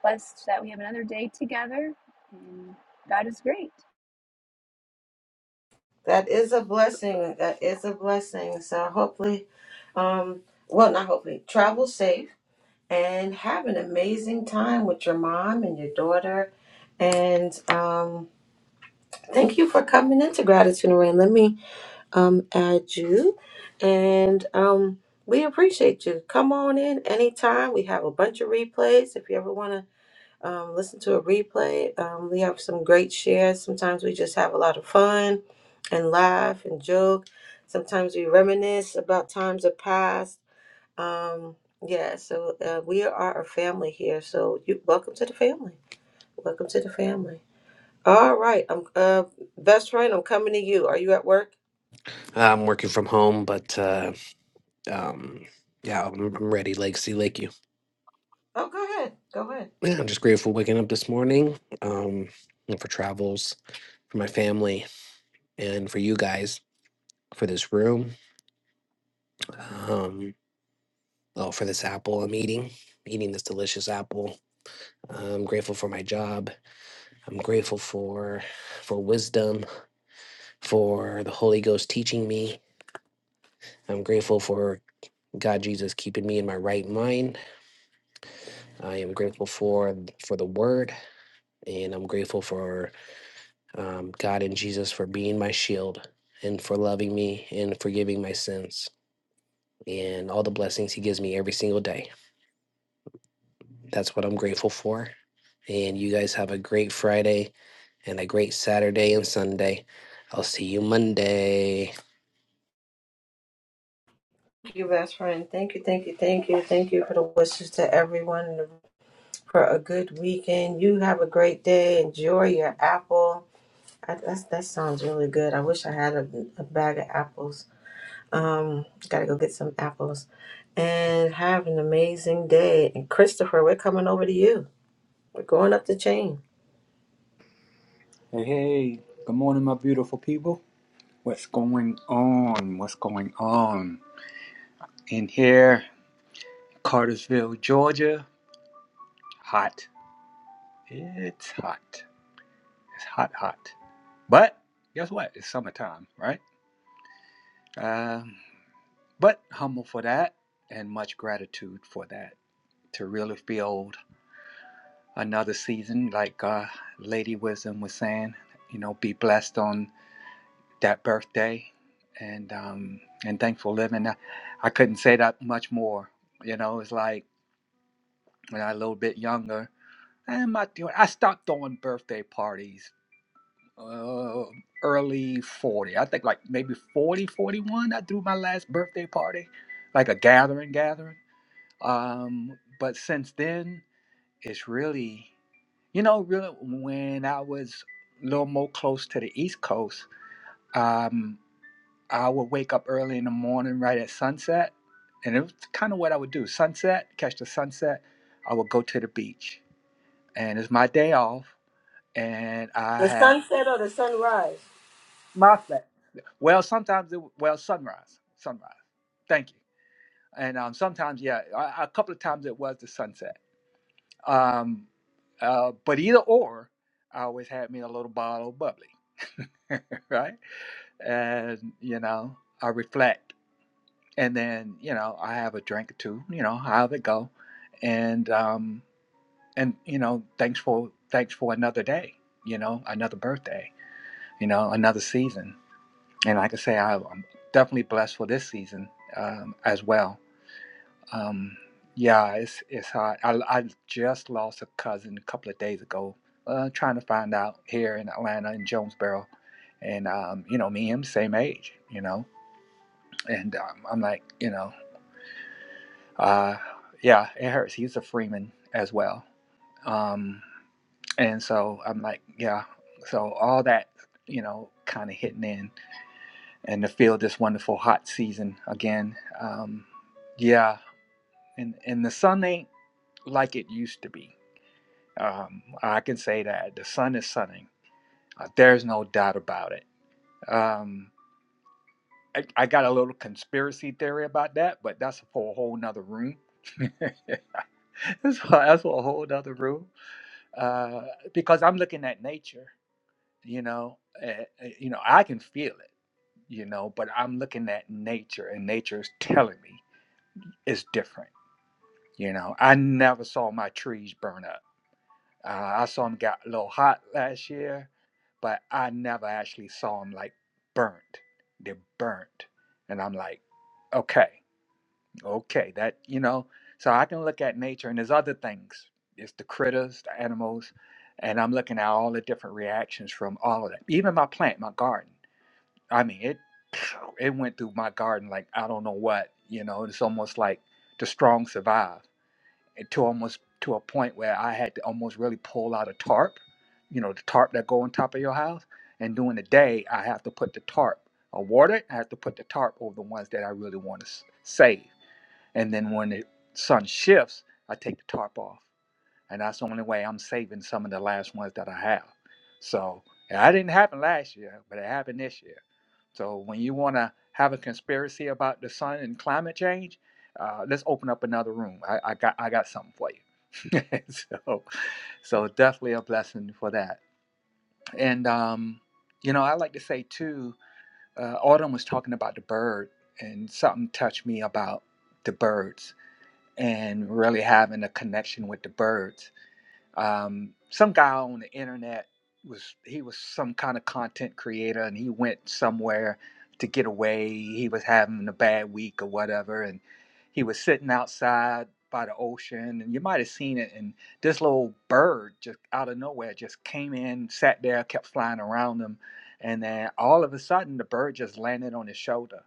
K: blessed that we have another day together. And God is great.
E: That is a blessing. That is a blessing. So hopefully, um, well, not hopefully, travel safe and have an amazing time with your mom and your daughter. And um, thank you for coming into Gratitude and Rain. Let me um at you, and um we appreciate you. Come on in anytime. We have a bunch of replays. If you ever want to um, listen to a replay, um, we have some great shares. Sometimes we just have a lot of fun and laugh and joke. Sometimes we reminisce about times of past. Um, yeah, so uh, we are a family here. So you welcome to the family. Welcome to the family. All right, I'm uh, best friend. I'm coming to you. Are you at work?
J: I'm working from home, but uh, um, yeah, I'm, I'm ready. Legacy Lake, you.
E: Oh, go ahead. Go ahead.
J: Yeah, I'm just grateful waking up this morning um, and for travels, for my family, and for you guys, for this room, um, oh, for this apple I'm eating, eating this delicious apple. I'm grateful for my job. I'm grateful for for wisdom. for the Holy Ghost teaching me. I'm grateful for God Jesus keeping me in my right mind. I am grateful for for the Word, and I'm grateful for um, God and Jesus for being my shield and for loving me and forgiving my sins and all the blessings He gives me every single day. That's what I'm grateful for. And you guys have a great Friday and a great Saturday and Sunday. I'll see you Monday.
E: you, best friend. Thank you, thank you, thank you, thank you for the wishes to everyone for a good weekend. You have a great day. Enjoy your apple. I, that's, that sounds really good. I wish I had a, a bag of apples. Um, gotta go get some apples. And have an amazing day. And Christopher, we're coming over to you. We're going up the chain.
G: Hey, hey. Good morning, my beautiful people. What's going on? What's going on? In here, Cartersville, Georgia. Hot. It's hot. It's hot, hot. But guess what? It's summertime, right? Um, but humble for that and much gratitude for that. To really feel. another season. Like uh, Lady Wisdom was saying, you know, be blessed on that birthday, and um, and thankful living. I, I couldn't say that much more. You know, it's like when I was a little bit younger, I'm not doing. I stopped throwing birthday parties. Uh, early 40 i think like maybe 40, 41. i threw my last birthday party like a gathering gathering um but since then It's really, you know, really when I was a little more close to the East Coast, um, I would wake up early in the morning right at sunset. And it was kind of what I would do sunset, catch the sunset. I would go to the beach. And it's my day off. And I
E: The
G: have
E: sunset or the sunrise?
G: my fa- Well, sometimes, it, well, sunrise, sunrise. Thank you. And um, sometimes, yeah, a, a couple of times it was the sunset Um, uh, but either or, I always had me a little bottle of bubbly, right? And you know, I reflect, and then you know, I have a drink or two, you know, how it go, and um, and you know, thanks for thanks for another day, you know, another birthday, you know, another season, and like I say, I, I'm definitely blessed for this season um, as well Um, yeah, it's it's hard. I I just lost a cousin a couple of days ago. Uh, trying to find out here in Atlanta in Jonesboro, and um, you know, me and him same age, you know, and um, I'm like, you know, uh, yeah, it hurts. He's a Freeman as well, um, and so I'm like, yeah, so all that, you know, kind of hitting in, and to feel this wonderful hot season again, um, yeah, and and the sun ain't like it used to be Um, I can say that the sun is sunning. Uh, there's no doubt about it. Um, I, I got a little conspiracy theory about that, but that's for a whole nother room. that's, for, that's for a whole nother room. Uh, because I'm looking at nature, you know, eh, eh, you know, I can feel it, you know, but I'm looking at nature, and nature is telling me it's different. You know, I never saw my trees burn up Uh, I saw him get a little hot last year, but I never actually saw him like burnt. They're burnt. And I'm like, okay, okay, that, you know, so I can look at nature and there's other things. It's the critters, the animals, and I'm looking at all the different reactions from all of that. Even my plant, my garden. I mean, it it went through my garden like I don't know what, you know, it's almost like the strong survive to almost to a point where I had to almost really pull out a tarp, you know, the tarp that go on top of your house. And during the day, I have to put the tarp, I water it. I have to put the tarp over the ones that I really want to s- save. And then when the sun shifts, I take the tarp off and that's the only way I'm saving some of the last ones that I have. So and that didn't happen last year, but it happened this year. So when you want to have a conspiracy about the sun and climate change, uh, let's open up another room. I, I got I got something for you. so so definitely a blessing for that. And um, you know I like to say too. Uh, Autumn was talking about the bird, and something touched me about the birds and really having a connection with the birds um, some guy on the internet was he was some kind of content creator, and he went somewhere to get away. He was having a bad week or whatever, and he was sitting outside by the ocean, and you might have seen it. And this little bird just out of nowhere just came in, sat there, kept flying around him, and then all of a sudden the bird just landed on his shoulder.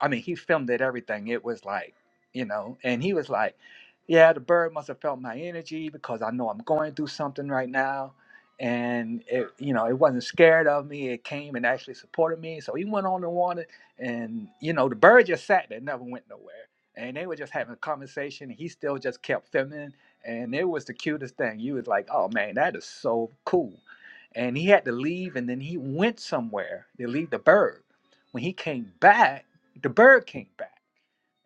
G: I mean, he filmed it everything. It was like, you know, and he was like yeah, the bird must have felt my energy because I know I'm going through something right now. And it, you know, it wasn't scared of me. It came and actually supported me. So he went on and on, and you know, the bird just sat there, never went nowhere. And they were just having a conversation. He still just kept feminine, and it was the cutest thing. You was like, oh man, that is so cool. And he had to leave, and then he went somewhere to leave the bird. When he came back, the bird came back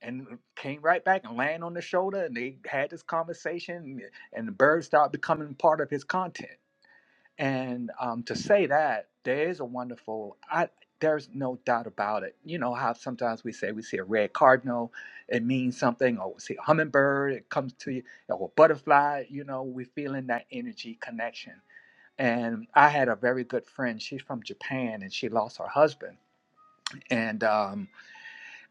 G: and came right back and land on the shoulder and they had this conversation and the bird started becoming part of his content and um, to say that there is a wonderful i there's no doubt about it you know how sometimes we say we see a red cardinal it means something or we see a hummingbird it comes to you or a butterfly you know we're feeling that energy connection and i had a very good friend she's from japan and she lost her husband and um,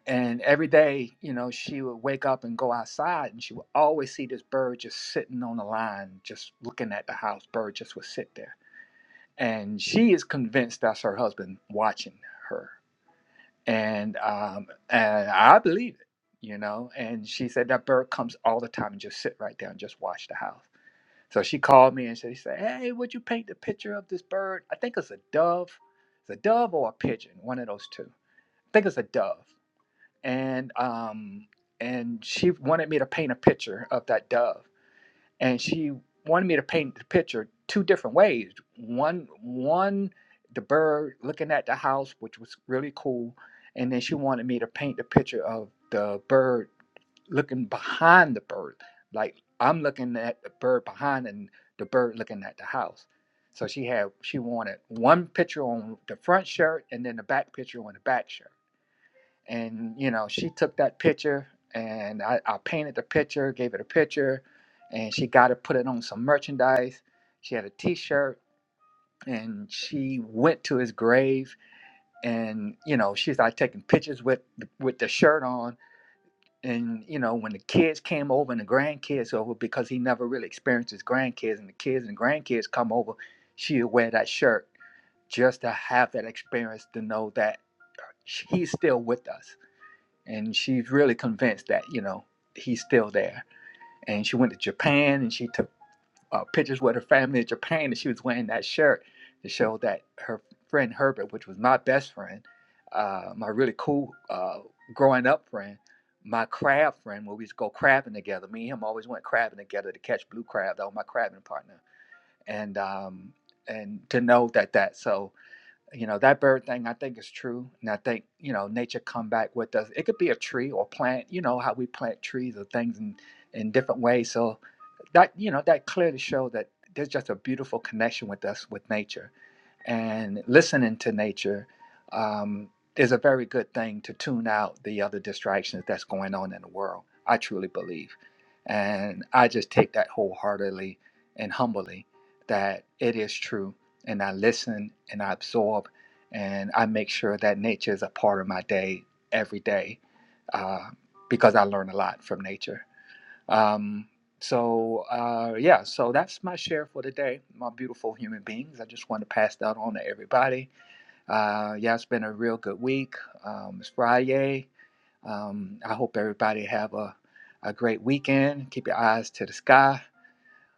G: and every day, you know, she would wake up and go outside, and she would always see this bird just sitting on the line, just looking at the house. Bird just would sit there. And she is convinced that's her husband watching her. And, um, and I believe it, you know. And she said that bird comes all the time and just sit right there and just watch the house. So she called me and she said, Hey, would you paint the picture of this bird? I think it's a dove. It's a dove or a pigeon, one of those two. I think it's a dove and um and she wanted me to paint a picture of that dove and she wanted me to paint the picture two different ways one one the bird looking at the house which was really cool and then she wanted me to paint the picture of the bird looking behind the bird like i'm looking at the bird behind and the bird looking at the house so she had she wanted one picture on the front shirt and then the back picture on the back shirt and you know she took that picture and I, I painted the picture gave it a picture and she got it put it on some merchandise she had a t-shirt and she went to his grave and you know she started taking pictures with with the shirt on and you know when the kids came over and the grandkids over because he never really experienced his grandkids and the kids and grandkids come over she would wear that shirt just to have that experience to know that he's still with us and she's really convinced that you know he's still there. And she went to Japan and she took uh, pictures with her family in Japan, and she was wearing that shirt to show that her friend Herbert, which was my best friend, uh, my really cool uh, growing up friend, my crab friend, where we used to go crabbing together. Me and him always went crabbing together to catch blue crab. That was my crabbing partner, and um, and to know that that so you know that bird thing i think is true and i think you know nature come back with us it could be a tree or plant you know how we plant trees or things in in different ways so that you know that clearly show that there's just a beautiful connection with us with nature and listening to nature um, is a very good thing to tune out the other distractions that's going on in the world. I truly believe. And I just take that wholeheartedly and humbly that it is true. And I listen and I absorb and I make sure that nature is a part of my day every day uh, because I learn a lot from nature. Um, so uh, yeah, so that's my share for today, my beautiful human beings. I just want to pass that on to everybody. Uh, yeah, it's been a real good week. Um, it's Friday. Um, I hope everybody have a, a great weekend. Keep your eyes to the sky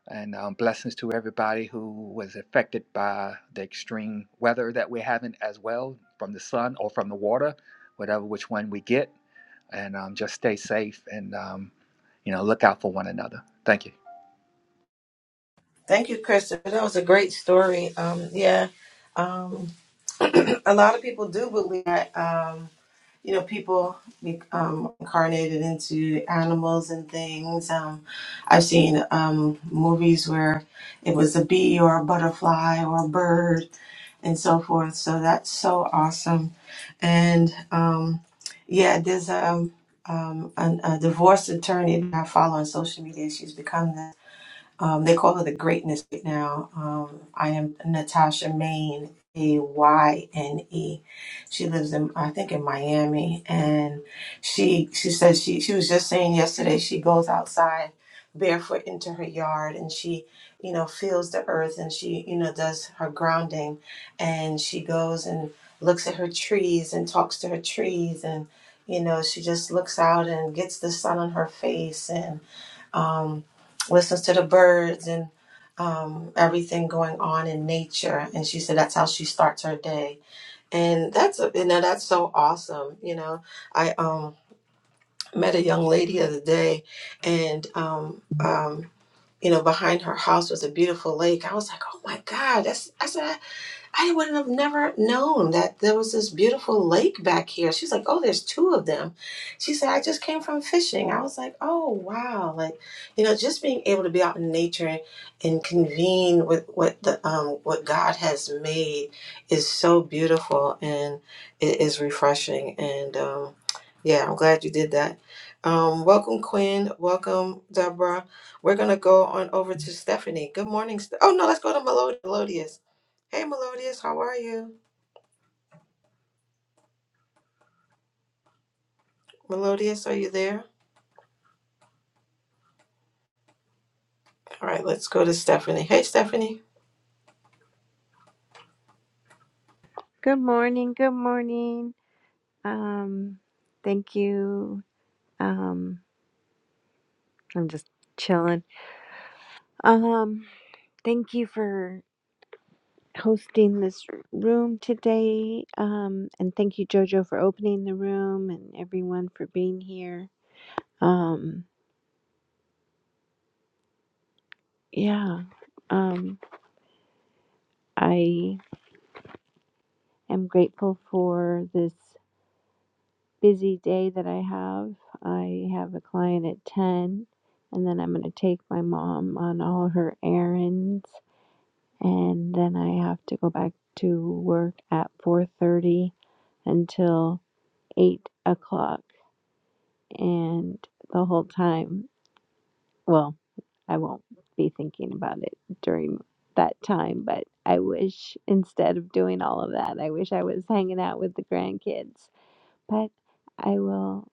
G: and um, blessings to everybody who was affected by the extreme weather that we're having as well from the sun or from the water, whatever which one we get. And um, just stay safe and, um, you know, look out for one another. Thank
E: Thank you, Christopher. That was a great story. Um, yeah, um, a lot of people do believe that. Um. you know, people be- um, incarnated into animals and things. Um, I've seen um, movies where it was a bee or a butterfly or a bird and so forth. So that's so awesome. And um, yeah, there's um, um, an, a divorce attorney that I follow on social media. She's become the um, they call her the greatness right now. Um, I am Natasha Maine, A Y N E. She lives in, I think, in Miami, and she she says she she was just saying yesterday she goes outside barefoot into her yard and she you know feels the earth and she you know does her grounding and she goes and looks at her trees and talks to her trees and you know she just looks out and gets the sun on her face and um, listens to the birds and um, everything going on in nature. And she said that's how she starts her day. And that's you know that's so awesome. You know, I um, met a young lady the other day, and um, um, you know behind her house was a beautiful lake. I was like, oh my god, that's I said. I wouldn't have never known that there was this beautiful lake back here. She's like, oh, there's two of them. She said, I just came from fishing. I was like, oh, wow. Like, you know, just being able to be out in nature and convene with what the, um, what God has made is so beautiful and it is refreshing. And, um, yeah, I'm glad you did that. Um, welcome, Quinn. Welcome, Deborah. We're going to go on over to Stephanie. Good morning. Ste- oh, no, let's go to Melod- Melodious. Hey, Melodious, how are you? Melodious, are you there? All right, let's go to Stephanie. Hey, Stephanie.
L: Good morning. Good morning. Um, thank you. Um, I'm just chilling. Um, thank you for hosting this room today. Um, and thank you, Jojo, for opening the room and everyone for being here. Um, yeah. Um, I am grateful for this busy day that I have. I have a client at 10, and then I'm going to take my mom on all her errands and then I have to go back to work at 4:30 until 8 o'clock and the whole time well I won't be thinking about it during that time but I wish instead of doing all of that I wish I was hanging out with the grandkids but I will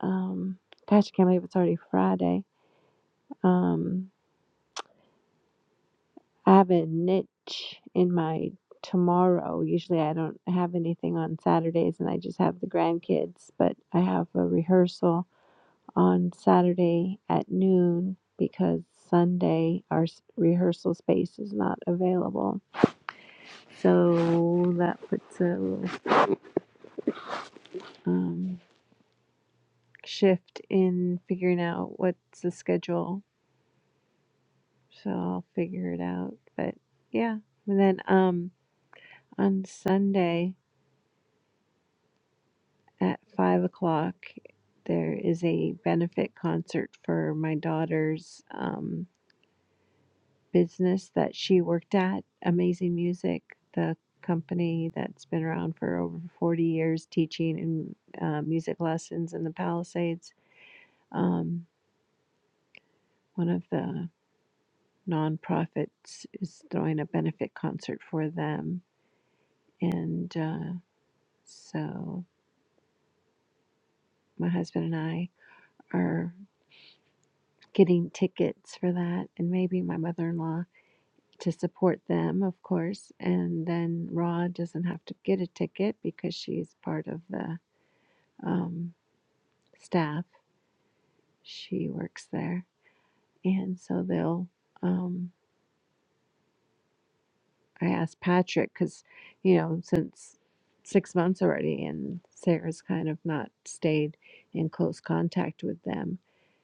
L: um gosh I can't believe it's already Friday um I have a niche in my tomorrow. Usually I don't have anything on Saturdays and I just have the grandkids, but I have a rehearsal on Saturday at noon because Sunday our s- rehearsal space is not available. So that puts a little um, shift in figuring out what's the schedule. So I'll figure it out. But yeah. And then um on Sunday. at five o'clock. There is a benefit concert for my daughter's um, business that she worked at, Amazing Music, the company that's been around for over 40 years teaching in, uh, music lessons in the Palisades. Um, one of the nonprofits is throwing a benefit concert for them. And uh, so my husband and I are getting tickets for that, and maybe my mother in law to support them, of course. And then Ra doesn't have to get a ticket because she's part of the um, staff. She works there. And so they'll, um, I asked Patrick because, you know, since six months already and Sarah's kind of not stayed in close contact with them,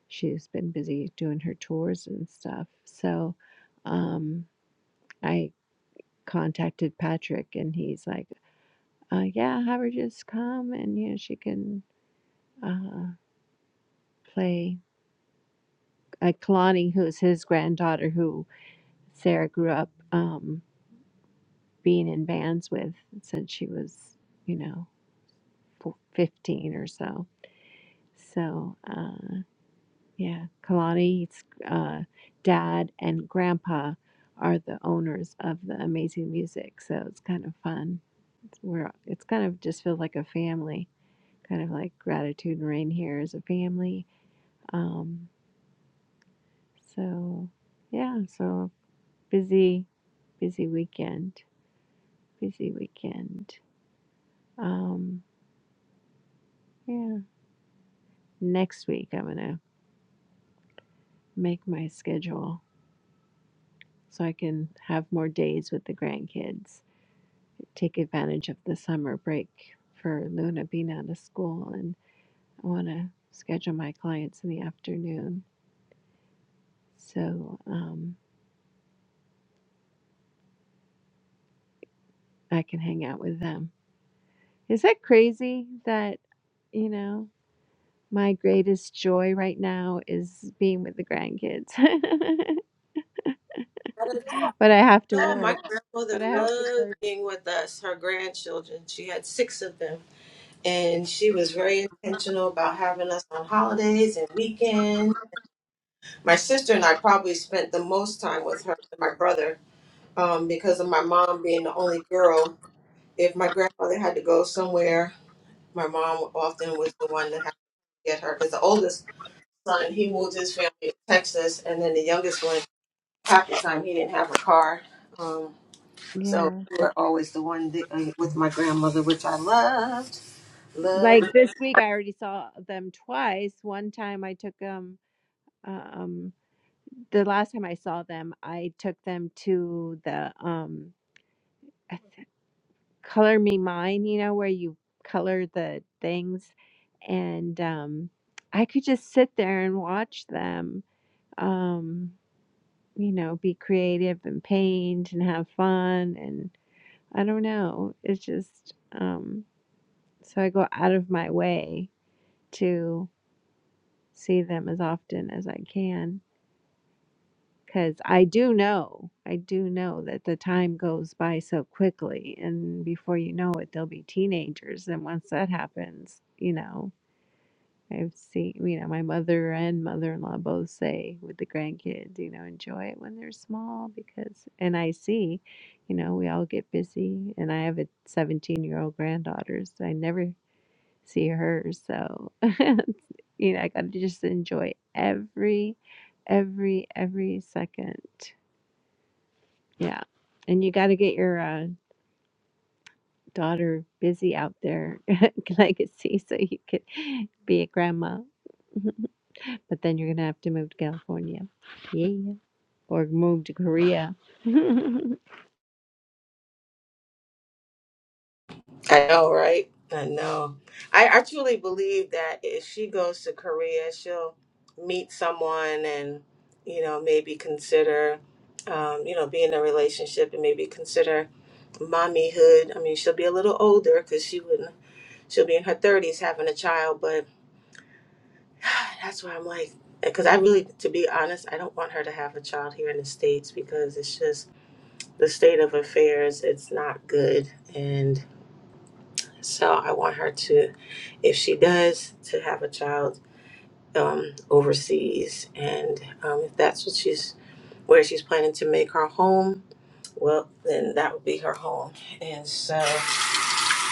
L: she's been busy doing her tours and stuff. So um, I contacted Patrick and he's like, uh, yeah, have her just come and you know she can uh, play uh, Kalani, who's his granddaughter, who Sarah grew up um, being in bands with since she was you know four- fifteen or so. So uh, yeah, Kalani's uh, dad and grandpa are the owners of the amazing music, so it's kind of fun. We're it's kind of just feels like a family, kind of like gratitude and rain here is a family. Um, So, yeah, so busy, busy weekend, busy weekend. Um, yeah, next week I'm gonna make my schedule so I can have more days with the grandkids, take advantage of the summer break for Luna being out of school, and I want to schedule my clients in the afternoon so um, I can hang out with them. Is that crazy that, you know? My greatest joy right now is being with the grandkids.
E: I don't
L: But I have to
E: know. My
L: work.
E: grandmother
L: But I have to
E: loved
L: work.
E: being with us, her grandchildren. She had six of them, and she was very intentional about having us on holidays and weekends. My sister and I probably spent the most time with her and my brother um, because of my mom being the only girl. If my grandmother had to go somewhere, my mom often was the one that had to get her because the oldest son, he moved his family to Texas, and then the youngest one, half the time he didn't have a car. Um, so
L: Yeah.
E: we were always the one that, uh, with my grandmother, which I loved,
L: Like
E: loved.
L: this week, I already saw them twice. One time I took them, um, the last time I saw them, I took them to the um, I th- Color Me Mine, you know, where you color the things. And um, I could just sit there and watch them. Um, you know, be creative and paint and have fun. And I don't know. It's just, um, so I go out of my way to see them as often as I can. Because I do know, I do know that the time goes by so quickly. And before you know it, they'll be teenagers. And once that happens, you know, I've seen, you know, my mother and mother-in-law both say with the grandkids, you know, enjoy it when they're small because, and I see, you know, we all get busy, and I have a 17-year-old granddaughter, so I never see her, so you know, I gotta just enjoy every, every, every second. Yeah, and you gotta get your uh, daughter busy out there, like I see, so you could be a grandma. But then you're gonna have to move to California. Yeah. Or move to Korea.
E: I know, right? I know. I, I truly believe that if she goes to Korea, she'll meet someone and, you know, maybe consider, um, you know, be in a relationship and maybe consider mommyhood. I mean, she'll be a little older because she wouldn't, she'll be in her 30s having a child, but That's why I'm like, because I really, to be honest, I don't want her to have a child here in the States because it's just the state of affairs, it's not good. And so I want her to, if she does, to have a child um, overseas. And um, if that's what she's, where she's planning to make her home, well, then that would be her home. And so.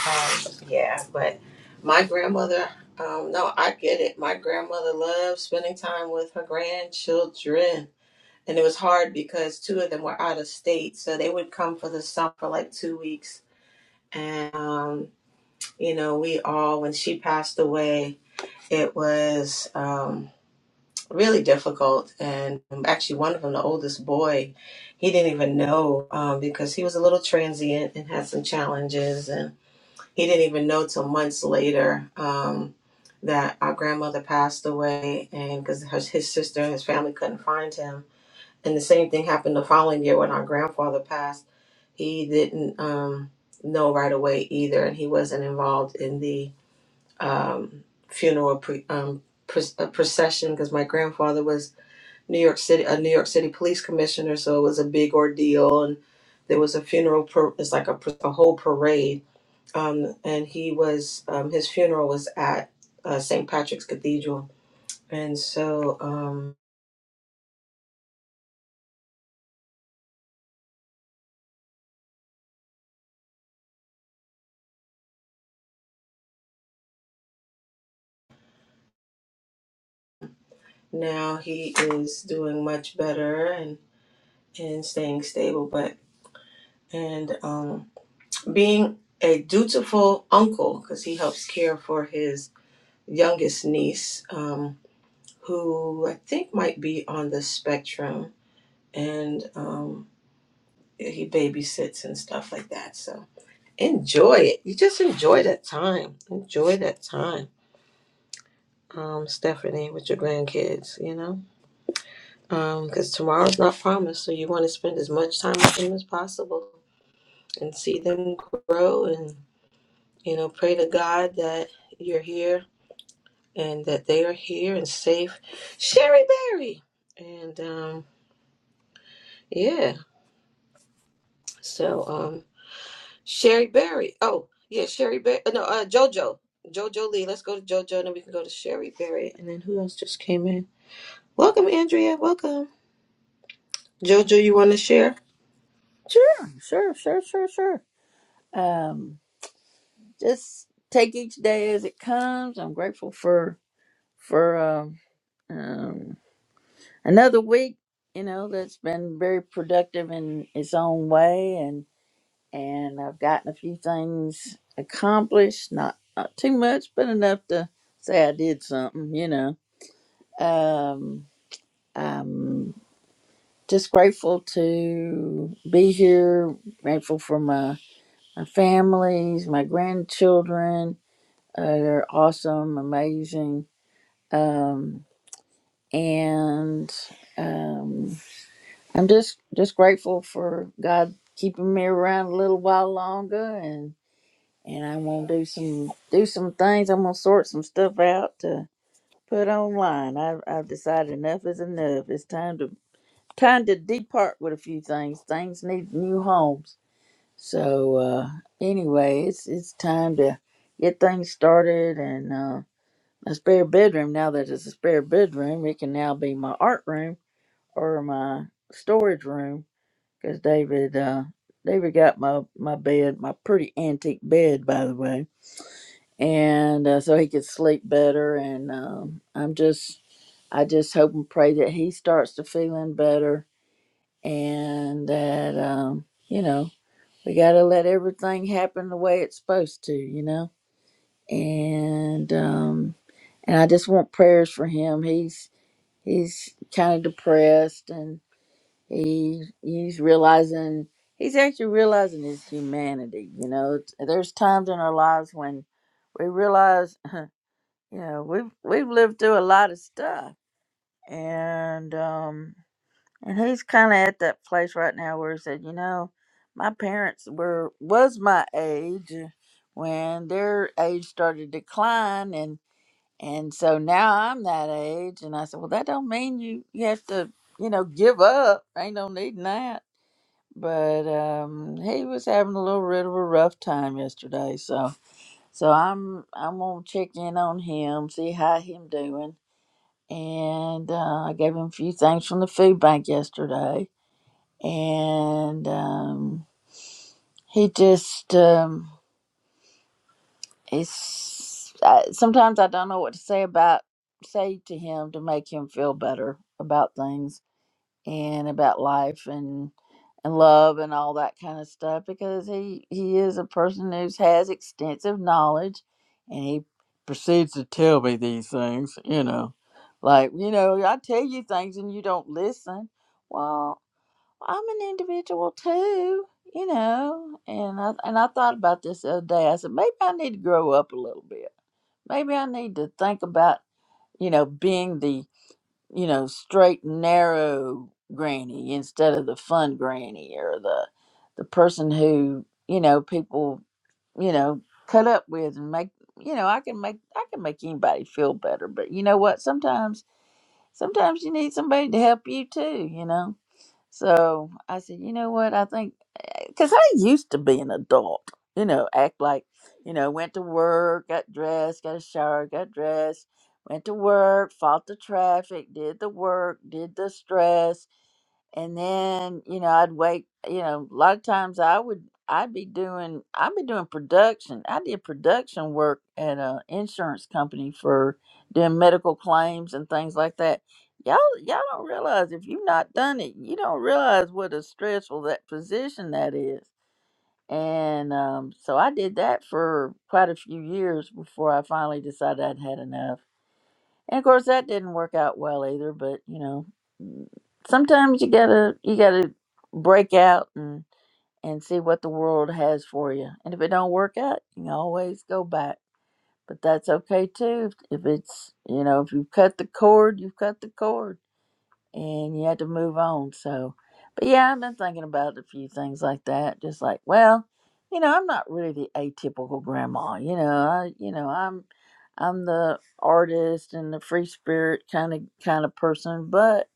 E: Um, yeah, but my grandmother, um, no, I get it. My grandmother loved spending time with her grandchildren. And it was hard because two of them were out of state. So they would come for the summer for like two weeks. And, um, you know, we all, when she passed away, it was um, really difficult. And um, actually, one of them, the oldest boy, he didn't even know um, because he was a little transient and had some challenges. and he didn't even know till months later um, that our grandmother passed away and because his sister and his family couldn't find him and the same thing happened the following year when our grandfather passed he didn't um, know right away either and he wasn't involved in the um, funeral pre- um, pre- uh, procession because my grandfather was new york city a new york city police commissioner so it was a big ordeal and there was a funeral per- it's like a, pr- a whole parade um, and he was um, his funeral was at uh, St. Patrick's Cathedral, and so um, now he is doing much better and and staying stable, but and um, being a dutiful uncle because he helps care for his youngest niece, um, who I think might be on the spectrum, and um, he babysits and stuff like that. So enjoy it. You just enjoy that time. Enjoy that time um, Stephanie, with your grandkids, you know? Because tomorrow's not promised, so you want to spend as much time with them as possible and see them grow and, you know, pray to God that you're here and that they are here and safe. Sherry Berry! And, um, yeah, so, um, Sherry Berry. Oh, yeah, Sherry Berry. No, uh, JoJo. JoJo Lee. Let's go to JoJo, and then we can go to Sherry Berry. And then who else just came in? Welcome, Andrea. Welcome. JoJo, you want to share?
A: sure sure sure sure sure um just take each day as it comes i'm grateful for for um, um another week you know that's been very productive in its own way and I've gotten a few things accomplished. Not, not too much, but enough to say I did something, you know. Um, I'm just grateful to be here, grateful for my, my families, my grandchildren. Uh, they're awesome, amazing. Um, and um, I'm just, just grateful for God keeping me around a little while longer and. and I'm gonna do some do some things. I'm gonna sort some stuff out to put online. I, I've decided enough is enough. It's time to time to depart with a few things. Things need new homes. So uh, anyway, it's it's time to get things started and uh, my spare bedroom. Now that it's a spare bedroom, it can now be my art room or my storage room because David uh, David got my my bed, my pretty antique bed by the way and uh, so he could sleep better. And um, I'm just, I just hope and pray that he starts to feeling better, and that um, you know we got to let everything happen the way it's supposed to, you know. And um, and I just want prayers for him. He's he's kind of depressed, and he he's realizing. He's actually realizing his humanity. You know, there's times in our lives when we realize you know, we've we've lived through a lot of stuff, and um, and he's kind of at that place right now where he said, you know, my parents were was my age when their age started to decline, and and so now I'm that age, and I said, well, that don't mean you you have to you know give up. Ain't no needing that. But um, he was having a little bit of a rough time yesterday, so so I'm I'm gonna check in on him, see how him doing and uh, I gave him a few things from the food bank yesterday. And um, he just um, he's I, sometimes I don't know what to say about say to him to make him feel better about things and about life and and love and all that kind of stuff because he he is a person who has extensive knowledge and he proceeds to tell me these things you know like you know i tell you things and you don't listen well i'm an individual too you know and i and i thought about this the other day i said maybe i need to grow up a little bit maybe i need to think about you know being the you know, straight and narrow granny instead of the fun granny or the the person who, you know, people, you know, cut up with and make you know, I can make I can make anybody feel better. But you know what? Sometimes sometimes you need somebody to help you too, you know. So I said, you know what? I think because I used to be an adult, you know, act like, you know, went to work, got dressed, got a shower, got dressed, went to work, fought the traffic, did the work, did the stress. And then, you know, I'd wake, you know, a lot of times I would, I'd be doing, I'd be doing production. I did production work at an insurance company for doing medical claims and things like that y'all y'all don't realize if you've not done it you don't realize what a stressful that position that is and um, so i did that for quite a few years before i finally decided i'd had enough and of course that didn't work out well either but you know mm, sometimes you gotta you gotta break out and and see what the world has for you and if it don't work out you can always go back but that's okay too if it's you know if you've cut the cord you've cut the cord and you had to move on. So, but yeah, I've been thinking about a few things like that. Just like, well, you know, I'm not really the atypical grandma. You know, I, you know, I'm, I'm the artist and the free spirit kind of kind of person. But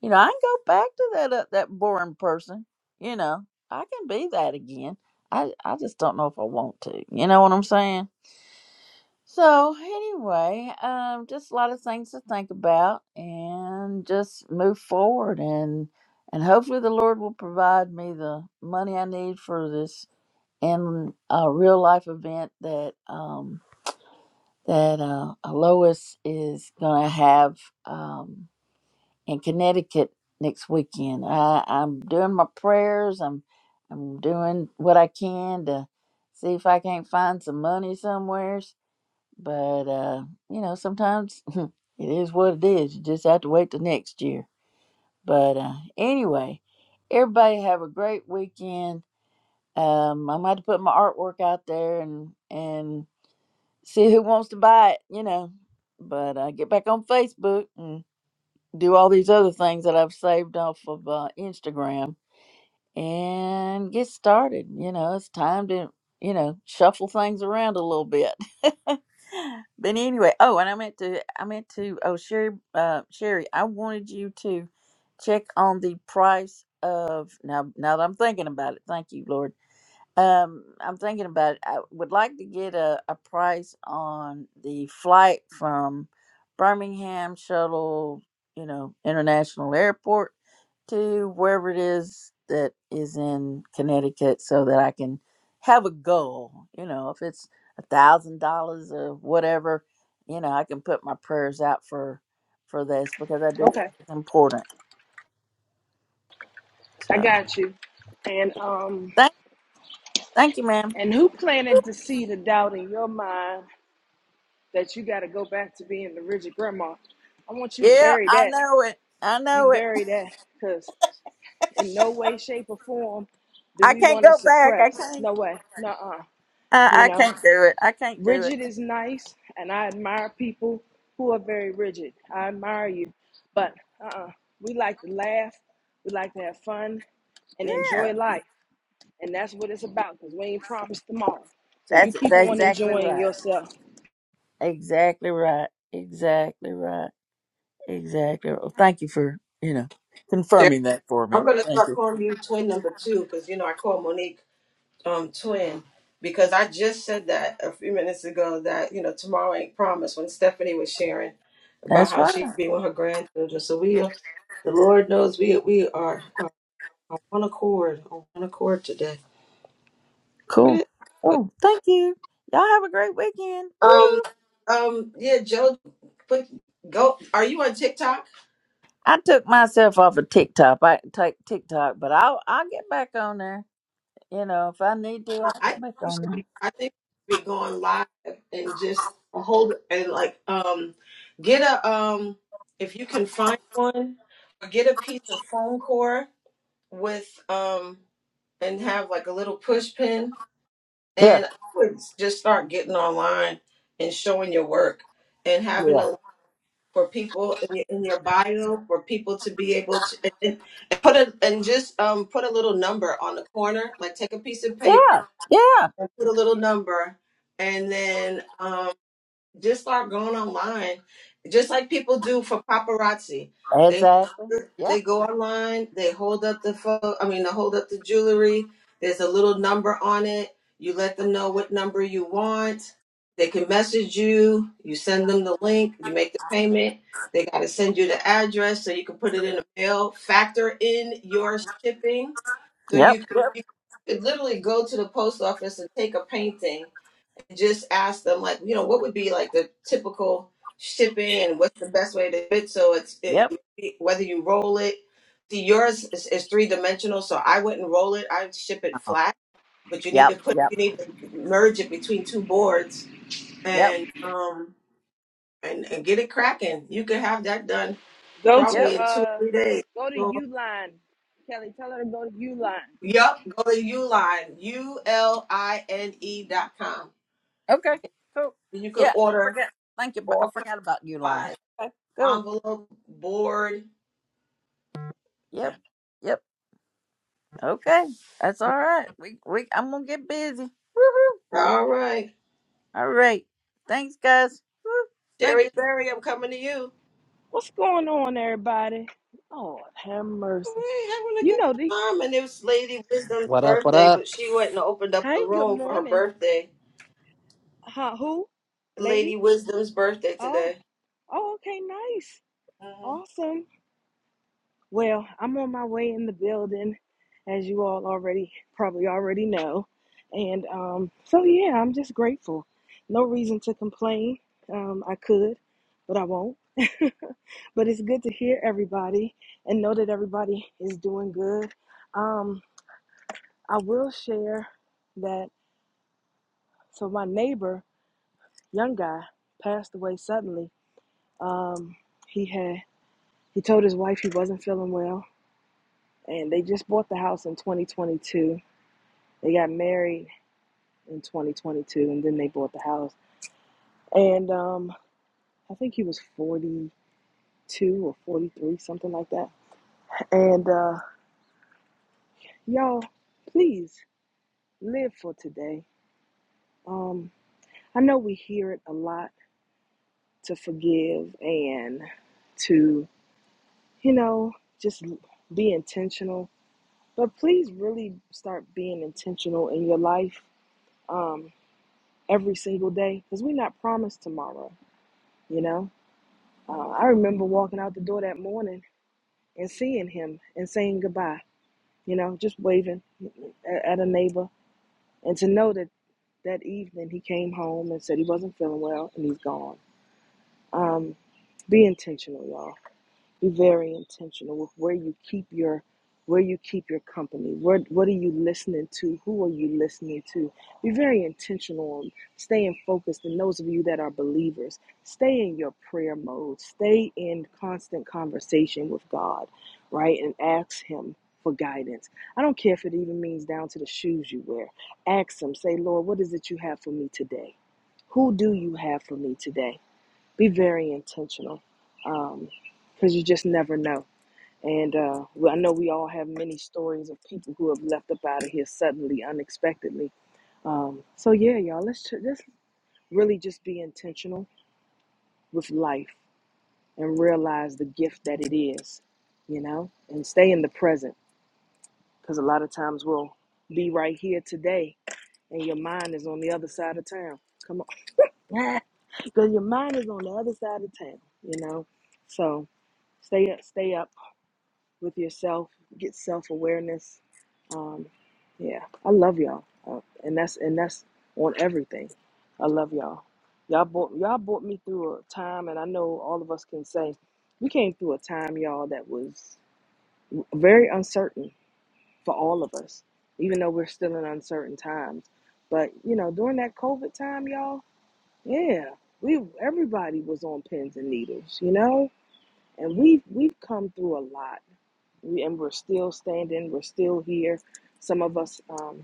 A: you know, I can go back to that uh, that boring person. You know, I can be that again. I I just don't know if I want to. You know what I'm saying? So anyway, um, just a lot of things to think about, and just move forward, and and hopefully the Lord will provide me the money I need for this in a real life event that um, that uh, Lois is gonna have um, in Connecticut next weekend. I, I'm doing my prayers. I'm I'm doing what I can to see if I can't find some money somewhere but uh, you know, sometimes it is what it is. You just have to wait till next year. But uh, anyway, everybody have a great weekend. Um, I'm about to put my artwork out there and and see who wants to buy it. You know, but uh, get back on Facebook and do all these other things that I've saved off of uh, Instagram and get started. You know, it's time to, you know, shuffle things around a little bit. but anyway, oh, and I meant to, I meant to, oh, Sherry, uh, Sherry, I wanted you to check on the price of, now, now that I'm thinking about it, thank you, Lord um, I'm thinking about it. I would like to get a, a price on the flight from Birmingham Shuttle, you know, International Airport to wherever it is that is in Connecticut so that I can have a goal. You know, if it's a thousand dollars or whatever, you know, I can put my prayers out for for this because I do feel
M: Okay,
A: like it's important.
M: I
A: So
M: got you. And um,
A: thank thank you, ma'am.
M: and who planted the seed of doubt in your mind that you got to go back to being the rigid grandma? I want you to
A: Yeah,
M: bury
A: I
M: that.
A: know it. I
M: You
A: know it.
M: bury that, cause in no way, shape, or form do
A: I
M: we
A: can't
M: want to
A: go back. I
M: suppress.
A: can't.
M: No way. Nuh-uh.
A: I,
M: You
A: I
M: know,
A: can't do it. I can't do it.
M: rigid is nice, and I admire people who are very rigid. I admire you, but uh-uh. We like to laugh. We like to have fun and
A: Yeah,
M: enjoy life. And that's what it's about because we ain't promised tomorrow. So you
A: that's
M: keep
A: that's
M: on
A: exactly
M: enjoying
A: right.
M: yourself.
A: Exactly right. Exactly right. Exactly. Well, thank you for you know confirming that for
E: I'm
A: me.
E: gonna
A: Thank
E: start
A: you.
E: calling you twin number two because you know I call Monique um twin because I just said that a few minutes ago that you know tomorrow ain't promised when Stephanie was sharing about
A: That's
E: how
A: right.
E: she'd be with her grandchildren. So we are, the Lord knows we we are uh, on one accord on one accord today. Where
A: Cool.
E: did
A: Oh, thank you. Y'all have a great weekend.
E: Um
A: Woo!
E: um yeah Joe, but go. Are you on TikTok?
A: I took myself off of TikTok. I take TikTok, but I'll I'll get back on there. You know, if I need to,
E: I
A: I'll
E: I think
A: get back
E: we should
A: on
E: be. I think we should be going live and just hold and like um get a um if you can find one or get a piece of foam core with um and have like a little push pin
A: there.
E: and I would just start getting online and showing your work and
A: Yeah.
E: having a for people in your, in your bio for people to be able to and, and put a and just um put a little number on the corner like take a piece of paper
A: Yeah. Yeah.
E: and put a little number and then um, just start going online just like people do for paparazzi
A: Yeah.
E: they
A: Exactly. Yeah.
E: they go online they hold up the photo i mean they hold up the jewelry there's a little number on it you let them know what number you want they can message you you send them the link you make the payment they got to send you the address so you can put it in the mail factor in your shipping so
A: Yep.
E: you could-
A: Yep.
E: you could literally go to the post office and take a painting and just ask them like, you know, what would be like the typical shipping and what's the best way to do it so it's it,
A: Yep.
E: whether you roll it. See, yours is, is three dimensional, so I wouldn't roll it. I'd ship it
A: Uh-huh.
E: flat, but you need to
A: Yep.
E: put
A: Yep.
E: you need to merge it between two boards
A: Yep.
E: and um and and get it cracking. You could have that done
M: Go to
A: Yep.
E: probably in two or
M: uh
E: three days.
M: go to
E: So
M: Uline. Kelly, tell her to go to Uline.
E: Yep, go to Uline, U L I N E dot com.
A: Okay. Cool.
E: You can
A: Yeah. I
E: order
A: forget. Thank you. but I
E: all kinds
A: forgot about you,
E: of
A: Lon.
E: supplies,
A: Okay. Cool.
E: envelope, board.
A: Yep. Yep. Okay. That's all right. We we I'm gonna get busy. Woohoo.
E: All right.
A: All right. Thanks, guys. Woo. Thank
E: Sherry
A: you.
E: Berry, I'm coming to you.
M: What's going on, everybody? Lord have mercy.
E: We're having a
M: You
E: good
M: know the
E: time. And it was Lady Wisdom's
J: What up? What
E: birthday,
J: up?
E: but she went and opened up
M: hey,
E: the
M: good
E: room for her
M: morning.
E: birthday.
M: Huh, who?
E: Lady
M: Lady?
E: Wisdom's birthday
M: Oh,
E: today.
M: oh okay, nice. Awesome. Well, I'm on my way in the building, as you all already probably already know. And um, so, yeah, I'm just grateful. No reason to complain. Um, I could, but I won't. but it's good to hear everybody and know that everybody is doing good. Um, I will share that. So, my neighbor, young guy, passed away suddenly. Um, he had he told his wife he wasn't feeling well, and they just bought the house in 2022 They got married in 2022 and then they bought the house. And um, I think he was 42 or 43, something like that. And uh, y'all, please live for today. Um, I know we hear it a lot to forgive and to, you know, just be intentional. But please really start being intentional in your life um, every single day because we're not promised tomorrow, you know? Uh, I remember walking out the door that morning and seeing him and saying goodbye, you know, just waving at, at a neighbor. And to know that that evening he came home and said he wasn't feeling well and he's gone. Um, be intentional, y'all be very intentional with where you keep your where you keep your company where, what are you listening to who are you listening to be very intentional and staying focused and those of you that are believers stay in your prayer mode stay in constant conversation with god right and ask him for guidance i don't care if it even means down to the shoes you wear ask him say lord what is it you have for me today who do you have for me today be very intentional because um, you just never know. And uh, well, I know we all have many stories of people who have left up out of here suddenly, unexpectedly. Um, so yeah, y'all, let's ju- just really just be intentional with life and realize the gift that it is, you know, and stay in the present because a lot of times we'll be right here today and your mind is on the other side of town. Come on, because your mind is on the other side of town, you know. So stay up, stay up with yourself, get self awareness. Um, yeah, I love y'all, uh, and that's and that's on everything. I love y'all. Y'all brought y'all brought me through a time, and I know all of us can say we came through a time, y'all, that was very uncertain for all of us, even though we're still in uncertain times. But you know, during that COVID time, y'all, yeah, we everybody was on pins and needles, you know, and we we've come through a lot we, and we're still standing. We're still here. Some of us, um,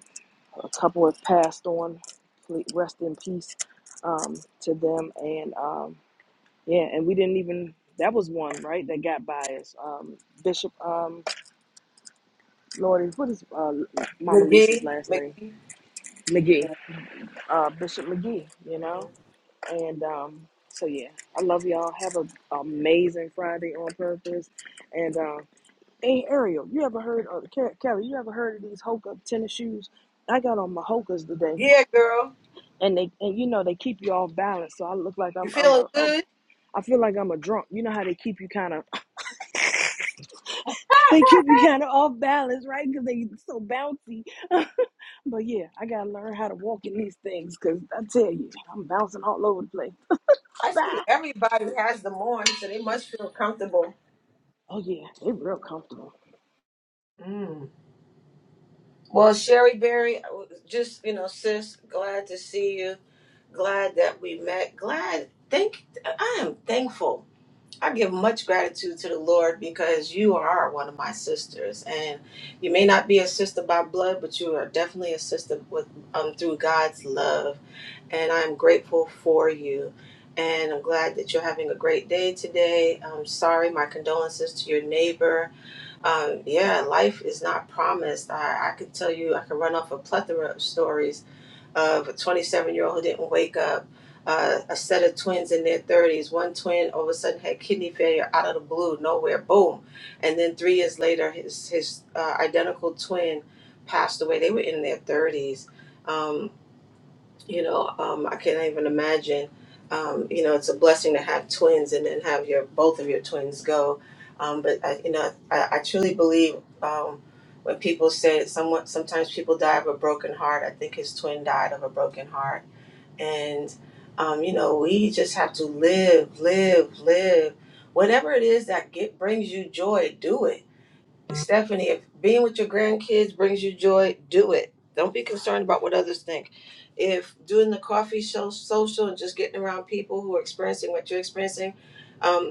M: a couple have passed on. Ple- Rest in peace um, to them. And um, yeah, and we didn't even. That was one right that got by us. Um, Bishop um, Lord, what is uh, Mama Lisa's
E: McGee.
M: last name?
E: McGee.
M: McGee. Uh, Bishop McGee. You know.
E: Mhm.
M: And um, so yeah, I love y'all. Have an amazing Friday on purpose. And um, Hey Ariel, you ever heard of Ke- Kelly? You ever heard of these Hoka tennis shoes? I got on my Hokas today,
E: Yeah, girl.
M: and they and you know they keep you off balance, so I look like
E: You
M: I'm I'm a,
E: feeling
M: a
E: good?
M: I feel like I'm a drunk. You know how they keep you kind of they keep you kind of off balance, right? Because they so bouncy. but yeah, I gotta learn how to walk in these things, cause I tell you, I'm bouncing all over the place.
E: I see
M: Bye.
E: everybody has them on, so they must feel comfortable.
M: Oh yeah, they real comfortable.
E: Well, Sherry Berry, just you know, sis, glad to see you. Glad that we met. Glad, thank. I am thankful. I give much gratitude to the Lord because you are one of my sisters, and you may not be a sister by blood, but you are definitely a sister with um through God's love, and I'm grateful for you. And I'm glad that you're having a great day today. I'm sorry, my condolences to your neighbor um, yeah, life is not promised. I, I could tell you, I could run off a plethora of stories of a 27 year old who didn't wake up, uh, a set of twins in their 30s. One twin all of a sudden had kidney failure out of the blue, nowhere, boom. And then three years later, his, his uh, identical twin passed away. They were in their 30s. Um, you know um, i can't even imagine um, you know it's a blessing to have twins and then have your both of your twins go um, but I, you know I, I truly believe um, when people say someone sometimes people die of a broken heart i think his twin died of a broken heart and um, you know we just have to live live live whatever it is that get, brings you joy do it Stephanie, if being with your grandkids brings you joy, do it. Don't be concerned about what others think. If doing the coffee show social and just getting around people who are experiencing what you're experiencing, um,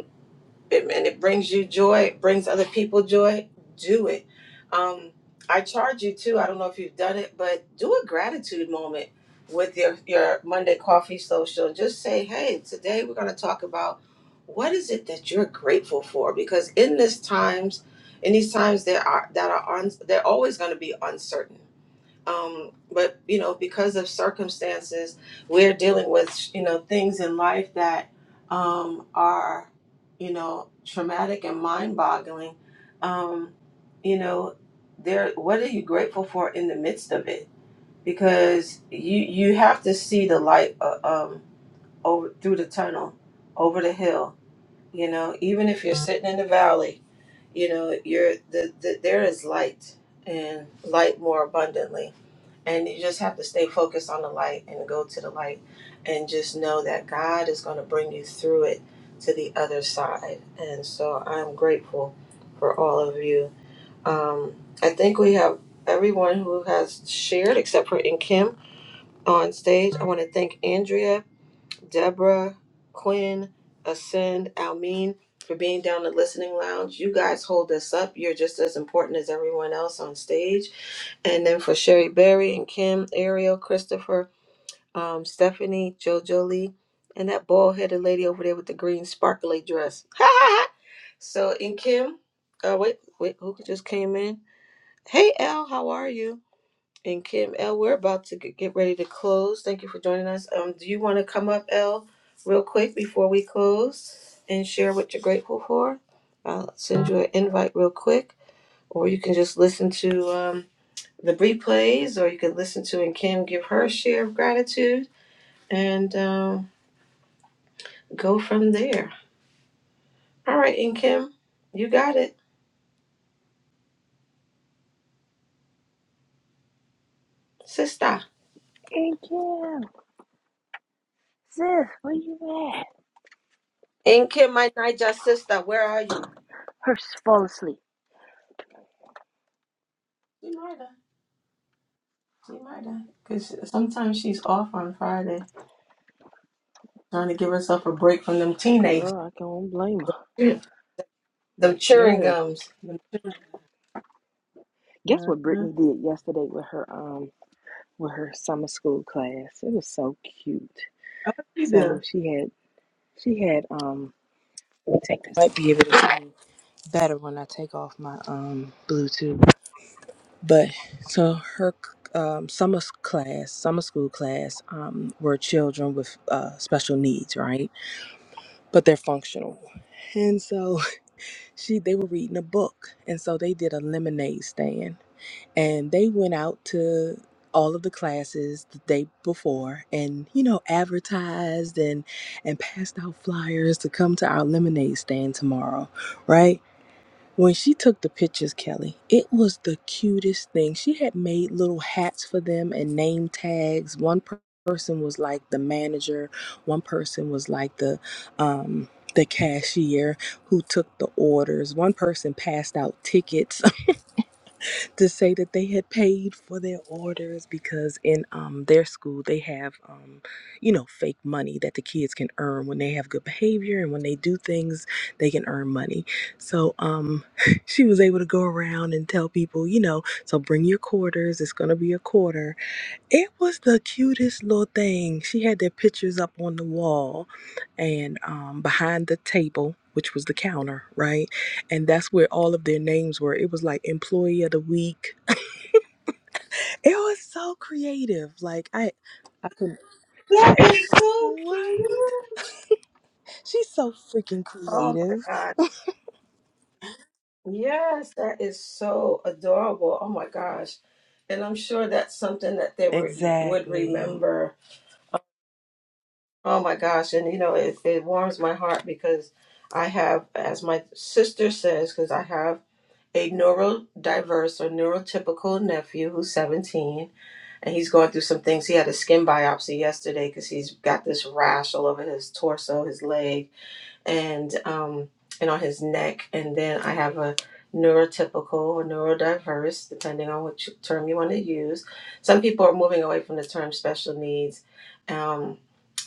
E: it, and it brings you joy, it brings other people joy, do it. Um, I charge you too. I don't know if you've done it, but do a gratitude moment with your, your Monday coffee social. Just say, hey, today we're going to talk about what is it that you're grateful for? Because in this times, in these times, there are that are on, they're always going to be uncertain um, but you know because of circumstances we're dealing with you know things in life that um, are you know traumatic and mind-boggling um, you know there what are you grateful for in the midst of it because you you have to see the light uh, um, over through the tunnel over the hill you know even if you're sitting in the valley you know you're the, the there is light and light more abundantly and you just have to stay focused on the light and go to the light and just know that God is going to bring you through it to the other side. And so I'm grateful for all of you. Um, I think we have everyone who has shared except for In Kim on stage. I want to thank Andrea, Deborah, Quinn, Ascend, Almeen for being down in the listening lounge. You guys hold us up. You're just as important as everyone else on stage. And then for Sherry Berry and Kim, Ariel, Christopher, um, Stephanie, JoJo Lee, and that bald headed lady over there with the green sparkly dress. so, and Kim, uh, wait, wait, who just came in? Hey, Elle, how are you? And Kim, Elle, we're about to get get ready to close. Thank you for joining us. Um, do you want to come up, Elle, real quick before we close and share what you're grateful for? I'll send you an invite real quick, or you can just listen to. Um, the replays, or you could listen to and Kim give her share of gratitude and um, go from there. All right, and Kim, you got it, sister.
M: Hey Kim, sis, where you at?
E: And Kim, my Niger sister, where are you?
M: Her fall asleep.
E: She might have. She might have. Because sometimes she's off on Friday trying to give herself a break from them teenagers,
M: Girl, I can't blame her.
E: them chewing
M: I'm
E: gums.
M: Guess what
E: Uh-huh.
M: Brittany did yesterday with her um with her summer school class? It was so cute.
E: You
M: So
E: do.
M: she had she had um I think this might be able to see better when I take off my um Bluetooth. But so her um, summer s- class, summer school class, um, were children with uh, special needs, right? But they're functional, and so she they were reading a book, and so they did a lemonade stand and they went out to all of the classes the day before and you know advertised and and passed out flyers to come to our lemonade stand tomorrow right when she took the pictures kelly it was the cutest thing she had made little hats for them and name tags one per- person was like the manager one person was like the um the cashier who took the orders one person passed out tickets to say that they had paid for their orders because in um, their school they have um, you know fake money that the kids can earn when they have good behavior and when they do things they can earn money so um, she was able to go around and tell people you know so bring your quarters it's going to be a quarter it was the cutest little thing. She had their pictures up on the wall and um, behind the table, which was the counter, right? And that's where all of their names were. It was like employee of the week. It was so creative. Like I I couldn't
E: That is so cute.
M: right. She's so freaking
E: Oh my
M: creative.
E: God. Yes, that is so adorable. Oh my gosh. And I'm sure that's something that they were, would
M: Exactly.
E: remember. Oh my gosh. And you know, it, it warms my heart because I have, as my sister says, because I have a neurodiverse or neurotypical nephew who's 17 and he's going through some things. He had a skin biopsy yesterday because he's got this rash all over his torso, his leg and um and on his neck and then i have a neurotypical or neurodiverse depending on which term you want to use some people are moving away from the term special needs um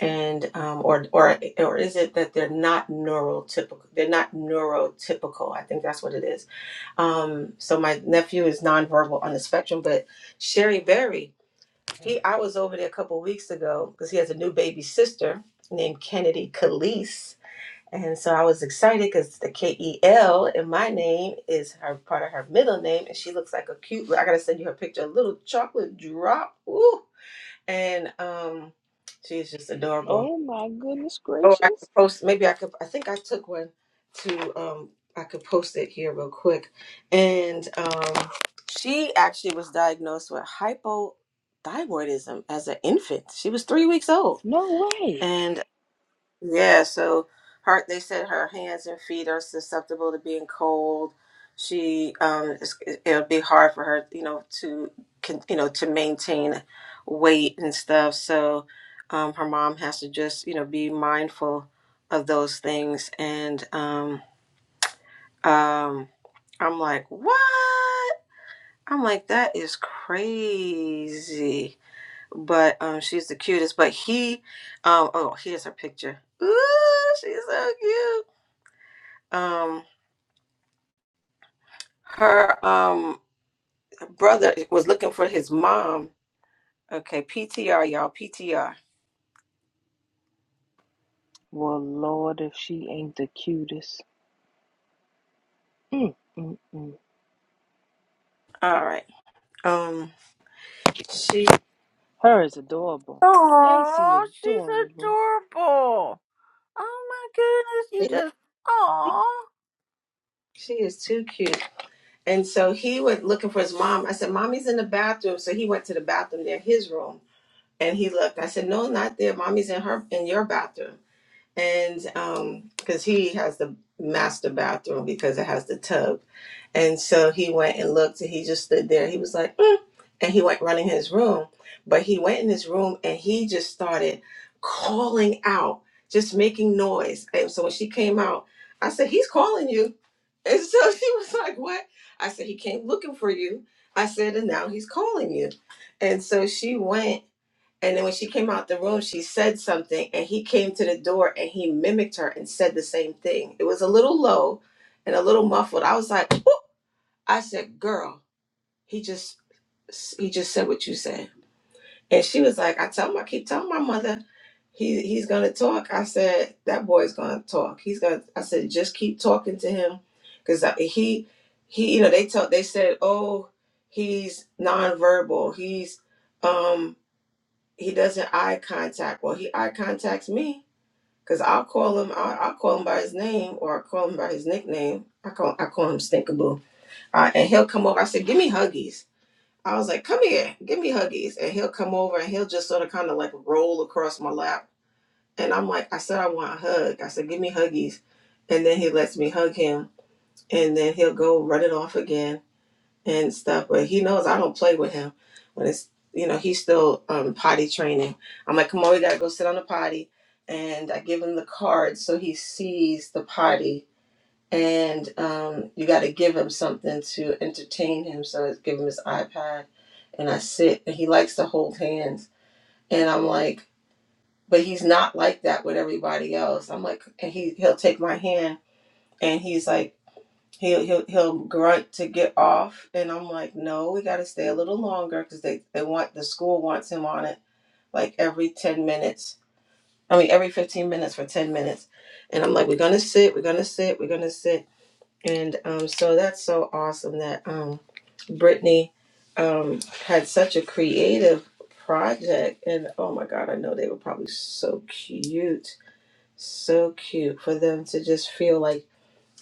E: and um or or or is it that they're not neurotypical they're not neurotypical i think that's what it is um so my nephew is nonverbal on the spectrum but sherry berry he i was over there a couple weeks ago because he has a new baby sister named kennedy calise and so I was excited because the K E L in my name is her part of her middle name, and she looks like a cute. I gotta send you her picture. A little chocolate drop, ooh, and um, she's just adorable.
M: Oh my goodness
E: Oh, I
M: gracious.
E: could post. Maybe I could. I think I took one to um. I could post it here real quick, and um, she actually was diagnosed with hypothyroidism as an infant. She was three weeks old,
M: No way.
E: and. Yeah, so her they said her hands and feet are susceptible to being cold. She um it's, it'll be hard for her, you know, to can, you know, to maintain weight and stuff. So um her mom has to just, you know, be mindful of those things and um um I'm like, "What?" I'm like, "That is crazy." but um, she's the cutest. But he, um, oh, here's her picture. Ooh, she's so cute. Um, her um brother was looking for his mom. Okay, PTR, y'all, PTR.
M: Well, Lord, if she ain't the cutest. Mm, mm, mm.
E: All right. Um, she
M: Her is adorable. Stacy
A: Oh, she's
M: adorable.
A: adorable. Oh my goodness, you just oh.
E: she is too cute. And so he was looking for his mom. I said, "Mommy's in the bathroom." So he went to the bathroom near his room, and he looked. I said, "No, not there. Mommy's in her in your bathroom." and um because he has the master bathroom because it has the tub and so he went and looked and he just stood there he was like "Mm," and he went running his room but he went in his room and he just started calling out just making noise and so when she came out i said he's calling you and so she was like what i said he came looking for you i said and now he's calling you and so she went and then when she came out the room, she said something, and he came to the door and he mimicked her and said the same thing. It was a little low and a little muffled. I was like, "Whoop." I said, "Girl, he just he just said what you said." And she was like, "I tell him, I keep telling my mother, he he's gonna talk." I said, "That boy's gonna talk. He's gonna." I said, "Just keep talking to him, because he he you know they tell they said, oh, he's nonverbal. He's um." he doesn't eye contact. Well, he eye contacts me because I'll call him. I'll, I'll call him by his name or i call him by his nickname. I call I call him Stinkaboo, uh, and he'll come over. I said, "Give me huggies." I was like, "Come here, give me huggies," and he'll come over and he'll just sort of kind of like roll across my lap, and I'm like, "I said I want a hug." I said, "Give me huggies," and then he lets me hug him, and then he'll go run it off again and stuff. But he knows I don't play with him. When it's you know he's still um, potty training. I'm like, come on, we gotta go sit on the potty, and I give him the card so he sees the potty. And um, you got to give him something to entertain him. So I give him his iPad, and I sit, and he likes to hold hands. And I'm like, but he's not like that with everybody else. I'm like, and he he'll take my hand, and he's like He'll, he'll he'll grunt to get off, and I'm like, no, we got to stay a little longer because they they want the school wants him on it like every ten minutes. I mean, every fifteen minutes for ten minutes, and I'm like, we're gonna sit, we're gonna sit, we're gonna sit, and um, so that's so awesome that um, Brittany um had such a creative project, and oh my God, I know they were probably so cute, so cute for them to just feel like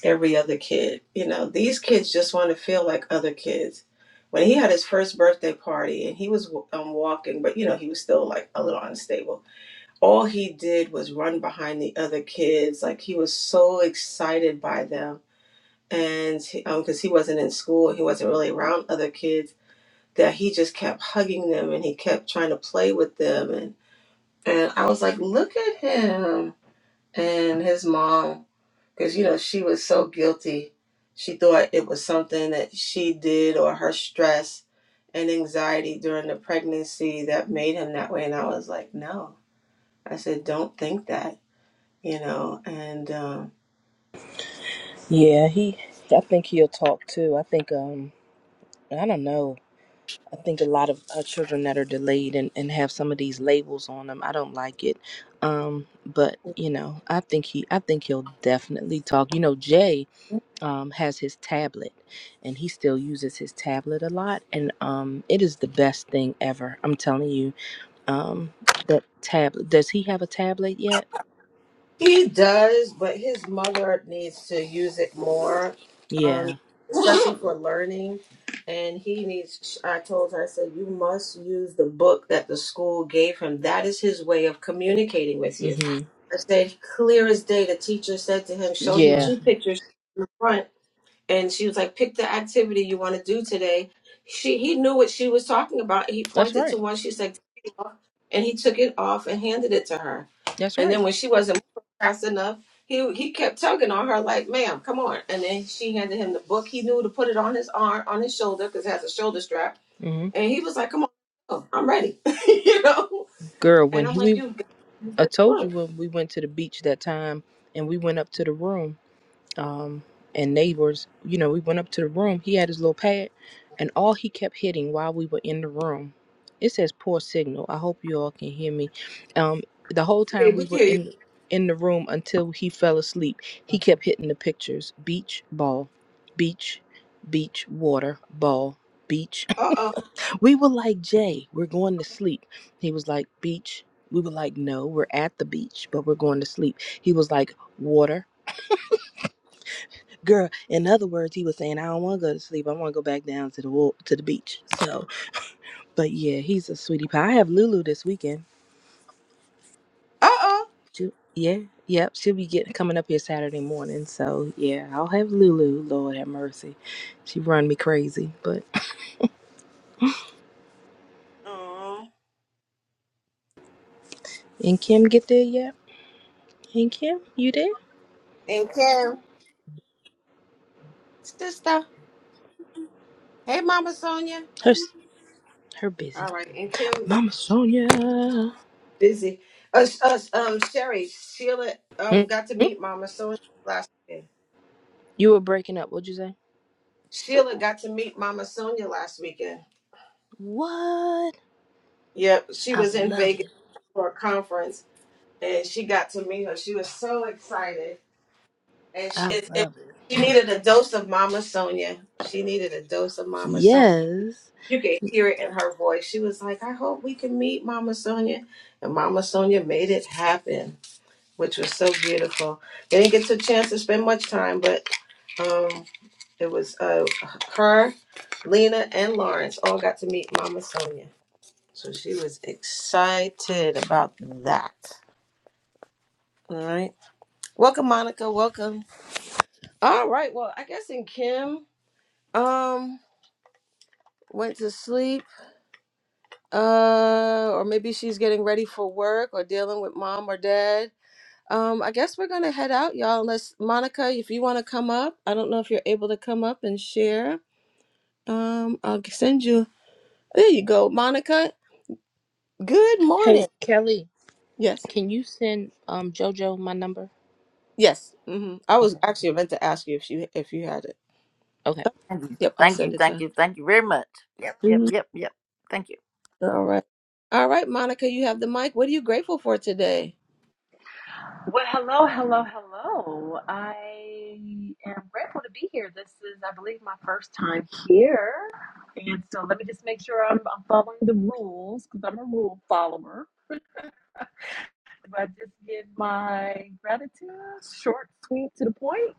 E: every other kid. You know, these kids just want to feel like other kids. When he had his first birthday party and he was um, walking, but you know, he was still like a little unstable. All he did was run behind the other kids. Like he was so excited by them. And because um, 'cause he wasn't in school, he wasn't really around other kids, that he just kept hugging them and he kept trying to play with them. And, and I was like, look at him and his mom because you know she was so guilty she thought it was something that she did or her stress and anxiety during the pregnancy that made him that way and i was like no i said don't think that you know and um,
M: Yeah, he. I think he'll talk too. I think. Um, I don't know. I think a lot of uh, children that are delayed and, and have some of these labels on them. I don't like it. Um, but you know, I think he. I think he'll definitely talk. You know, Jay um has his tablet, and he still uses his tablet a lot, and um, it is the best thing ever. I'm telling you. Um, that tablet. Does he have a tablet yet?
E: He does, but his mother needs to use it more, um,
M: Yeah.
E: especially for learning. And he needs, I told her, I said, you must use the book that the school gave him. That is his way of communicating with you.
M: Mm-hmm.
E: I said, clear as day, the teacher said to him, showed him
M: Yeah,
E: two pictures in front and she was like, "Pick the activity you want to do today." She he knew what she was talking about. He
M: that's
E: pointed to
M: right.
E: one. She said, "Take it off," and he took it off and handed it to her.
M: That's
E: And then
M: right.
E: when she wasn't moving fast enough, he he kept tugging on her like, "Ma'am, come on!" And then she handed him the book. He knew to put it on his arm, on his shoulder, because it has a shoulder strap.
M: hmm
E: And he was like, "Come on, oh, I'm ready," you know.
M: Girl, when
E: And I'm
M: he,
E: like,
M: we
E: "You got this
M: I told you
E: book?
M: when we went to the beach that time and we went up to the room, um, and neighbors, you know, we went up to the room. He had his little pad, and all he kept hitting while we were in the room, it says poor signal. I hope you all can hear me. Um, the whole
E: Hey,
M: time
E: we
M: we were
E: hear you."
M: in in the room until he fell asleep, he kept hitting the pictures: beach ball, beach, beach water ball, beach
E: Uh oh.
M: We were like, Jay, we're going to sleep. He was like, beach. We were like, no, we're at the beach, but we're going to sleep. He was like, water. Girl, in other words, he was saying, I don't want to go to sleep. I want to go back down to the wa- to the beach. So, but yeah, he's a sweetie pie. I have Lulu this weekend.
E: Uh
M: She, yeah, yep. She'll be getting coming up here Saturday morning. So yeah, I'll have Lulu. Lord have mercy. She run me crazy. But
E: oh.
M: and Kim get there yet? And Kim, you there?
E: And Kim, sister. Hey, Mama Sonia.
M: Her, her
E: All
M: busy.
E: right, and Kim was
M: Mama Sonia.
E: busy. Us, us, um, Sherry, Sheila,
M: Hmm?
E: um, got to
M: Hmm?
E: meet Mama Sonia last weekend.
M: You were breaking up. What'd you say?
E: Sheila got to meet Mama Sonia last weekend.
M: What?
E: Yep, she
M: I
E: was in
M: love
E: Vegas
M: it.
E: for a conference, and she got to meet her. She was so excited, and she,
M: I
E: it, it,
M: love it.
E: she needed a dose of Mama Sonia. She needed a dose of Mama Sonia.
M: Yes.
E: You could hear it in her voice. She was like, "I hope we can meet Mama Sonia," and Mama Sonia made it happen. which was so beautiful. They didn't get to a chance to spend much time, but um, it was uh, her, Lena, and Lawrence all got to meet Mama Sonia. So she was excited about that. All right. Welcome, Monica. Welcome. All right. Well, I guess in Kim um went to sleep, uh, or maybe she's getting ready for work or dealing with mom or dad. Um, I guess we're gonna head out, y'all. Unless Monica, if you want to come up, I don't know if you're able to come up and share. Um, I'll send you. There you go, Monica. Good
M: Hey,
E: morning.
M: Kelly,
E: Yes,
M: can you send um JoJo my number?
E: yes. hmm I was
M: Okay.
E: actually meant to ask you if you if you had it.
M: Okay.
E: Oh,
A: Thank you.
E: Yep, I'll
A: Thank you.
E: send it to
A: Thank
E: her.
A: you. Thank you very much. Yep. Yep.
E: Mhm.
A: Yep. Yep. Thank you.
E: All right. All right, Monica, you have the mic. What are you grateful for today?
N: Well, hello, hello, hello. I am grateful to be here. This is, I believe, my first time here. And so let me just make sure I'm, I'm following the rules because I'm a rule follower. Do I just give my gratitude short, sweet, to the point?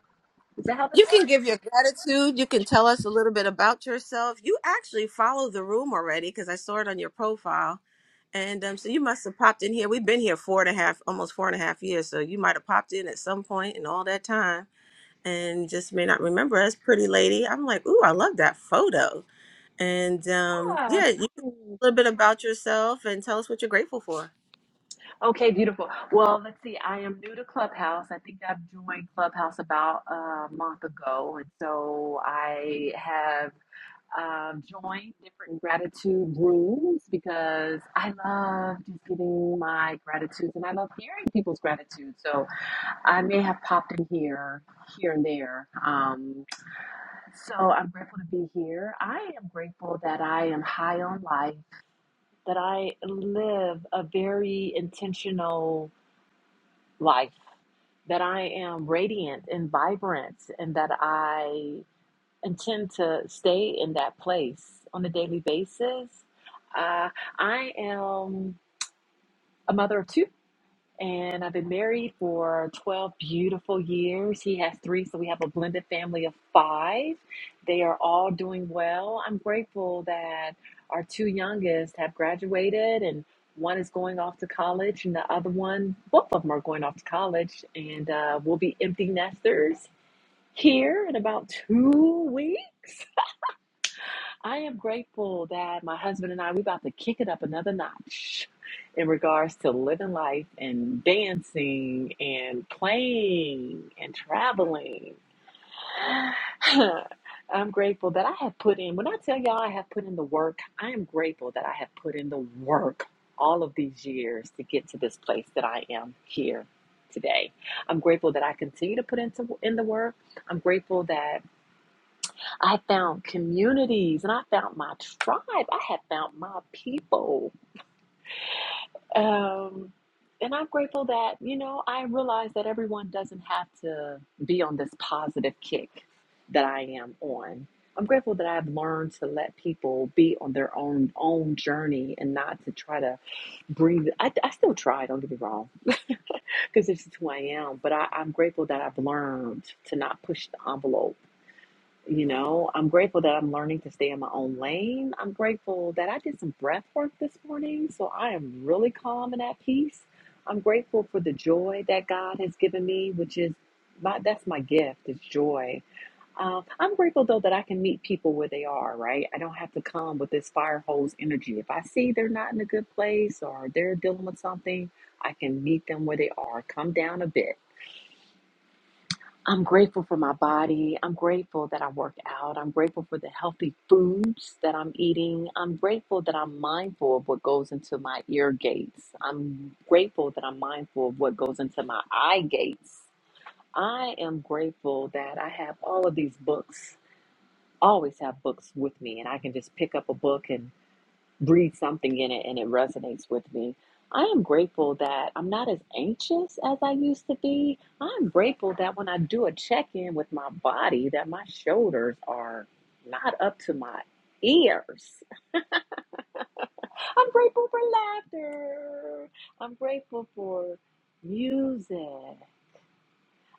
N: Is that how this
E: You can
N: works?
E: give your gratitude. You can tell us a little bit about yourself. You actually follow the room already because I saw it on your profile. And um, so you must have popped in here. We've been here four and a half, almost four and a half years. So you might have popped in at some point in all that time and just may not remember us, pretty lady. I'm like, ooh, I love that photo. And um,
N: Ah, thank
E: yeah, you
N: you.
E: a little bit about yourself and tell us what you're grateful for.
N: Okay, beautiful. Well, let's see. I am new to Clubhouse. I think I've joined Clubhouse about a month ago. And so I have. um, join different gratitude rooms because I love just giving my gratitudes and I love hearing people's gratitude. So I may have popped in here, here and there. Um, so I'm grateful to be here. I am grateful that I am high on life, that I live a very intentional life, that I am radiant and vibrant, and that I and tend to stay in that place on a daily basis. Uh, I am a mother of two, and I've been married for 12 beautiful years. He has three, so we have a blended family of five. They are all doing well. I'm grateful that our two youngest have graduated and one is going off to college and the other one both of them are going off to college and uh, we'll be empty nesters here in about two weeks I am grateful that my husband and I we about to kick it up another notch in regards to living life and dancing and playing and traveling. I'm grateful that I have put in when I tell y'all I have put in the work, I am grateful that I have put in the work all of these years to get to this place that I am here today. I'm grateful that I continue to put into in the work. I'm grateful that I found communities and I found my tribe. I have found my people. Um, and I'm grateful that, you know, I realize that everyone doesn't have to be on this positive kick that I am on. I'm grateful that I've learned to let people be on their own own journey and not to try to bring. I, I still try, don't get me wrong, because this is who I am. But I, I'm grateful that I've learned to not push the envelope You know, I'm grateful that I'm learning to stay in my own lane. I'm grateful that I did some breath work this morning, so I am really calm and at peace. I'm grateful for the joy that God has given me, which is my that's my gift, is joy. Uh, I'm grateful though that I can meet people where they are, right? I don't have to come with this fire hose energy. If I see they're not in a good place or they're dealing with something, I can meet them where they are, come down a bit I'm grateful for my body. I'm grateful that I work out. I'm grateful for the healthy foods that I'm eating. I'm grateful that I'm mindful of what goes into my ear gates. I'm grateful that I'm mindful of what goes into my eye gates. I am grateful that I have all of these books. I always have books with me and I can just pick up a book and breathe something in it and it resonates with me. I am grateful that I'm not as anxious as I used to be. I'm grateful that when I do a check-in with my body that my shoulders are not up to my ears. I'm grateful for laughter. I'm grateful for music.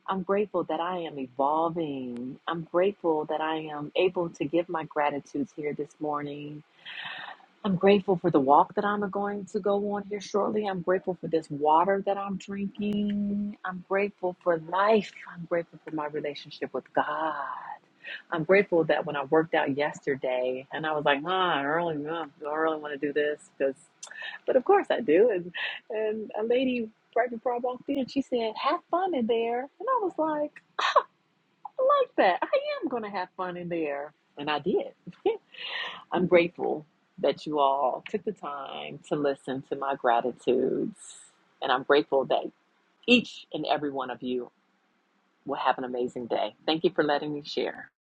N: I'm grateful that I am evolving. I'm grateful that I am able to give my gratitudes here this morning I'm grateful for the walk that I'm going to go on here shortly. I'm grateful for this water that I'm drinking. I'm grateful for life. I'm grateful for my relationship with God. I'm grateful that when I worked out yesterday and I was like, huh, I really, uh, do I really want to do this because, but of course I do. And, and a lady right before I walked in, she said, have fun in there. And I was like, I like that. I am going to have fun in there. And I did. I'm grateful that you all took the time to listen to my gratitudes. And I'm grateful that each and every one of you will have an amazing day. Thank you for letting me share.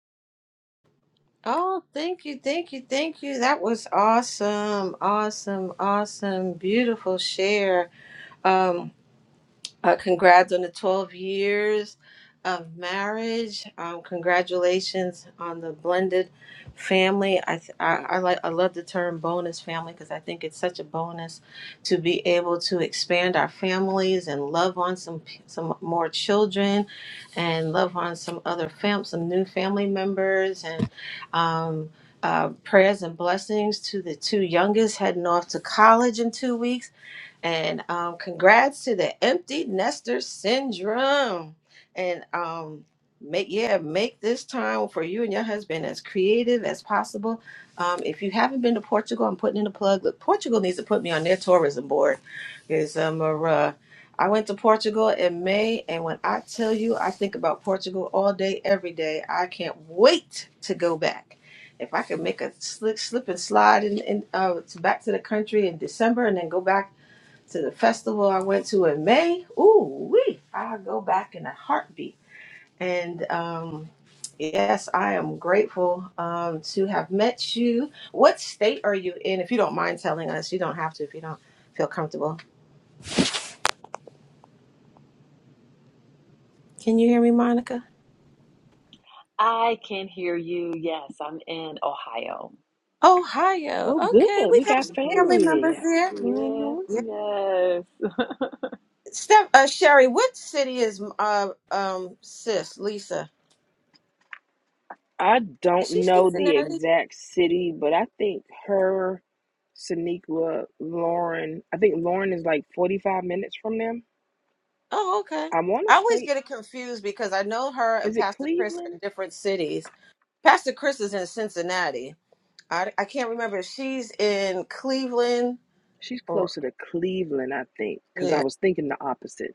E: Oh, thank you, thank you, thank you. That was awesome, awesome, awesome, beautiful share. Uh, congrats on the 12 years of marriage. Um, congratulations on the blended family. I, th- I, I like I love the term bonus family because I think it's such a bonus to be able to expand our families and love on some p- some more children and love on some other fam some new family members and um, uh, prayers and blessings to the two youngest heading off to college in two weeks and um, congrats to the empty nester syndrome. And um, make yeah, make this time for you and your husband as creative as possible. Um, if you haven't been to Portugal, I'm putting in a plug. Look, Portugal needs to put me on their tourism board. Is um, uh, I went to Portugal in May, and when I tell you, I think about Portugal all day, every day. I can't wait to go back. If I could make a slick slip and slide in, in uh, to back to the country in December, and then go back to the festival I went to in May. Ooh, wee! I go back in a heartbeat. And um, yes, I am grateful um, to have met you. What state are you in? If you don't mind telling us, you don't have to if you don't feel comfortable. Can you hear me, Monica?
N: I can hear you. Yes, I'm in Ohio.
E: Ohio.
M: Oh,
E: Okay,
M: good.
E: we
M: We
E: have
M: got
E: some
N: mm
E: family
M: family
E: members
M: there.
E: there.
N: hmm Yeah,
M: hmm
E: Yeah.
N: yes.
E: Steph, uh, Sherry, what city is uh, um, sis Lisa?
M: I don't
E: Is she
M: know the
E: Cincinnati?
M: exact city, but I think her, Sonequa, Lauren, I think Lauren is like 45 minutes from them.
E: Oh, okay.
M: I want
E: I
M: to
E: always
M: say,
E: get it confused because I know her and
M: is it
E: Pastor Chris are in
M: Cleveland?
E: different cities. Pastor Chris is in Cincinnati. I, I can't remember if she's in Cleveland
M: She's
E: or
M: closer to Cleveland, I think, because I
E: yeah.
M: was thinking the opposite.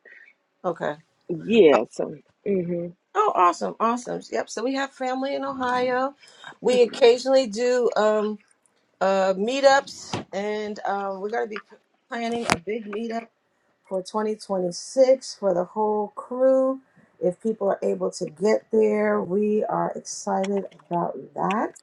E: Okay. Oh,
M: Yeah, so hmm
E: oh, awesome, awesome. Yep. So we have family in Ohio.
M: I
E: We
M: think it is.
E: occasionally do um uh meetups, and um, we're gonna be p- planning a big meetup for 2026 for the whole crew. If people are able to get there, we are excited about that.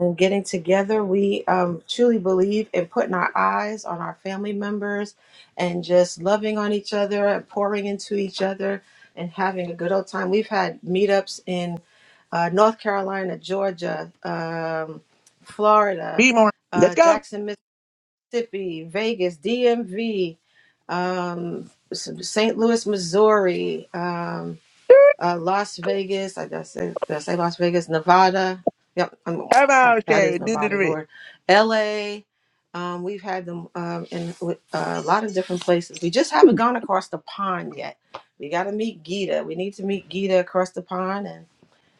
E: And getting together, we um, truly believe in putting our eyes on our family members and just loving on each other and pouring into each other and having a good old time. We've had meetups in uh, North Carolina, Georgia, um, Florida,
O: Be more. Let's
E: uh,
O: go.
E: Jackson, Mississippi, Vegas, DMV, um, St. Louis, Missouri, um, uh, Las Vegas. I just say, did I say Las Vegas, Nevada. Yep, I'm,
O: Come
E: that,
O: on,
E: that is
O: Sherry. Do the
E: Nevada,
O: rip.
E: Lord. LA. Um, we've had them um, in with, uh, a lot of different places. We just haven't gone across the pond yet. We got to meet Gita. We need to meet Gita across the pond,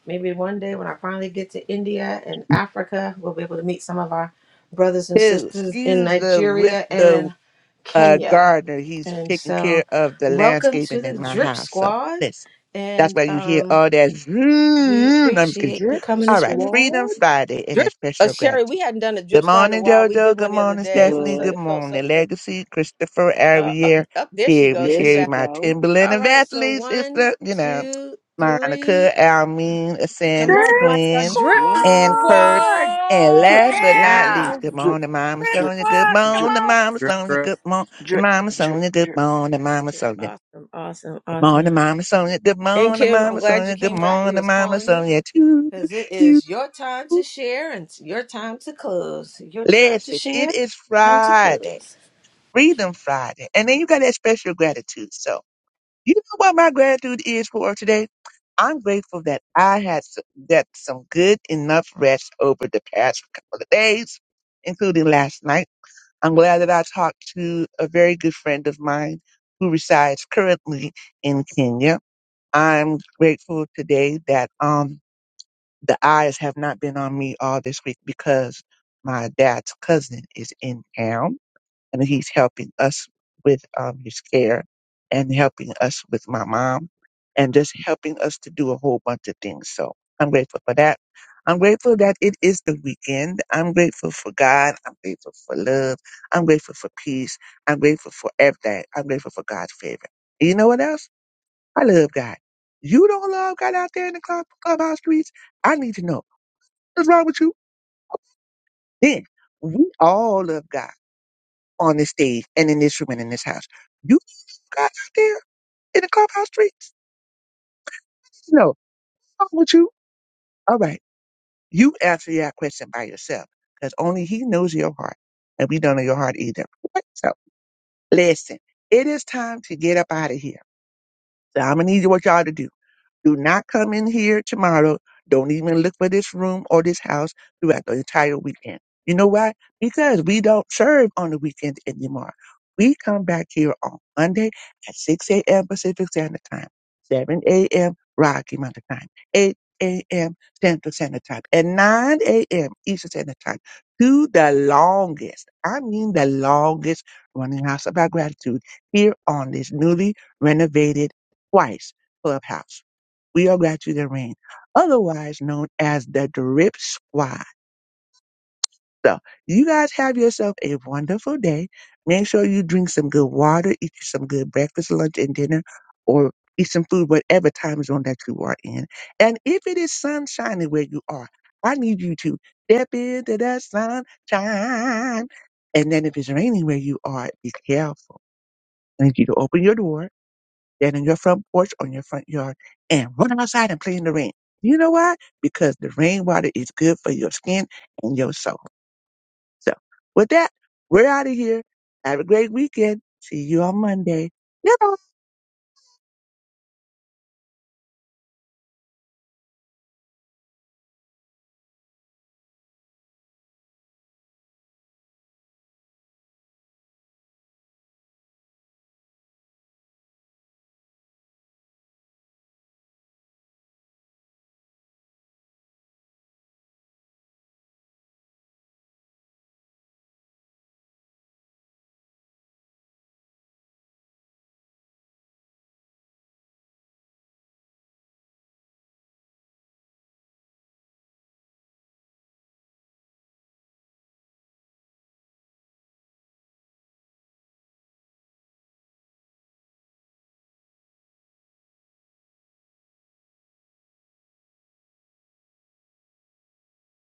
E: Maybe one day when I finally get to India and Africa, we'll be able to meet some of our brothers and
O: Two,
E: sisters in
O: excuse the with
E: Nigeria
O: the
E: and
O: uh,
E: Kenya.
O: gardener. He's
E: And
O: taking care
E: so,
O: of the
E: welcome to
O: landscaping in
E: the
O: my
E: Drip
O: house. So
E: Squad.
O: listen, that's
E: And
O: why you hear
E: um,
O: all that.
E: we
O: Zoom. No, I'm just kidding.
E: appreciate you
M: Drip
E: coming and
O: All right,
E: spending.
O: Freedom
M: Squad.
O: Friday and
E: drip. Uh,
O: special
E: Sherry, we
O: gratitude.
E: hadn't done a
O: Good
E: drip squad in a
O: morning,
E: while. We did
O: JoJo. Good
E: one the other
O: morning,
E: day. It was
O: Stephanie.
E: so,
O: Good
M: What?
E: it felt so
O: morning,
E: good.
O: Legacy, Christopher,
E: Uh, up,
O: Ariel,
E: up there she
O: Sherry,
E: goes.
M: There
E: She
O: Sherry,
M: she
E: back.
O: my
M: go.
O: Timberland
E: All
O: and
E: right. So
O: Vaseline
E: one,
O: sister. You know.
E: two,
O: Monica,
E: three.
O: Almeen,
E: Come
O: Ascend,
M: Drip
E: off, Mike.
O: Quinn,
E: Drip.
O: and
E: What?
M: Squad.
O: Kirst.
A: Good
O: And
M: Drip
O: last but not
A: Yeah.
O: least,
M: Squad.
O: good
M: Drip
O: morning, Mama
A: Rip
M: drip
O: Sonia. Good
A: Park, come
M: drip
O: morning,
A: on.
O: Mama Sonia.
G: you.
O: Good morning,
M: drip
O: Mama
M: drip
O: Sonia. Good
M: drip.
O: morning, Mama Sonia.
E: Awesome, awesome,
O: Good
E: awesome.
O: morning, Mama Sonia. Good
E: And
O: morning,
E: Kim, I'm
O: Mama
E: glad you
O: Sonia. Good
E: came back. We
O: morning,
E: was
O: Mama
E: calling you
O: Sonia. To
E: because it
O: you.
E: is your time to share and it's your time to close. Your time to
O: Listen, it
E: share,
O: is
E: time to
O: Friday,
E: close.
O: Freedom Friday. And then you got that special gratitude. so You know what my gratitude is for today? I'm grateful that I had s- that some good enough rest over the past couple of days, including last night. I'm glad that I talked to a very good friend of mine who resides currently in Kenya. I'm grateful today that um the eyes have not been on me all this week because my dad's cousin is in town and he's helping us with um, his care and helping us with my mom and just helping us to do a whole bunch of things. So I'm grateful for that. I'm grateful that it is the weekend. I'm grateful for God. I'm grateful for love. I'm grateful for peace. I'm grateful for everything. I'm grateful for God's favor. And You know what else? I love God. You don't love God out there in the club, clubhouse streets? I need to know. What's wrong with you? Then we all love God on this stage and in this room and in this house guys out there in the clubhouse streets? No. What's wrong with you? All right. You answer that question by yourself because only he knows your heart and we don't know your heart either. Right? So listen, it is time to get up out of here. So I'm going to need what y'all to do. Do not come in here tomorrow. Don't even look for this room or this house throughout the entire weekend. You know why? Because we don't serve on the weekend anymore. We come back here on Monday at 6 a.m. Pacific Standard Time, 7 a.m. Rocky Mountain Time, 8 a.m. Central Standard Time, and 9 a.m. Eastern Standard Time to the longest, I mean the longest running house about gratitude here on this newly renovated twice clubhouse. We all got you the ring, otherwise known as the Drip Squad. So you guys have yourself a wonderful day. Make sure you drink some good water, eat you some good breakfast, lunch, and dinner, or eat some food, whatever time zone that you are in. And if it is sunshiny where you are, I need you to step into the sunshine. And then if it's raining where you are, be careful. I need you to open your door than in your front porch on your front yard and run outside and play in the rain. You know why? Because the rainwater is good for your skin and your soul. So with that, we're out of here. Have a great weekend. See you on Monday. Goodbye.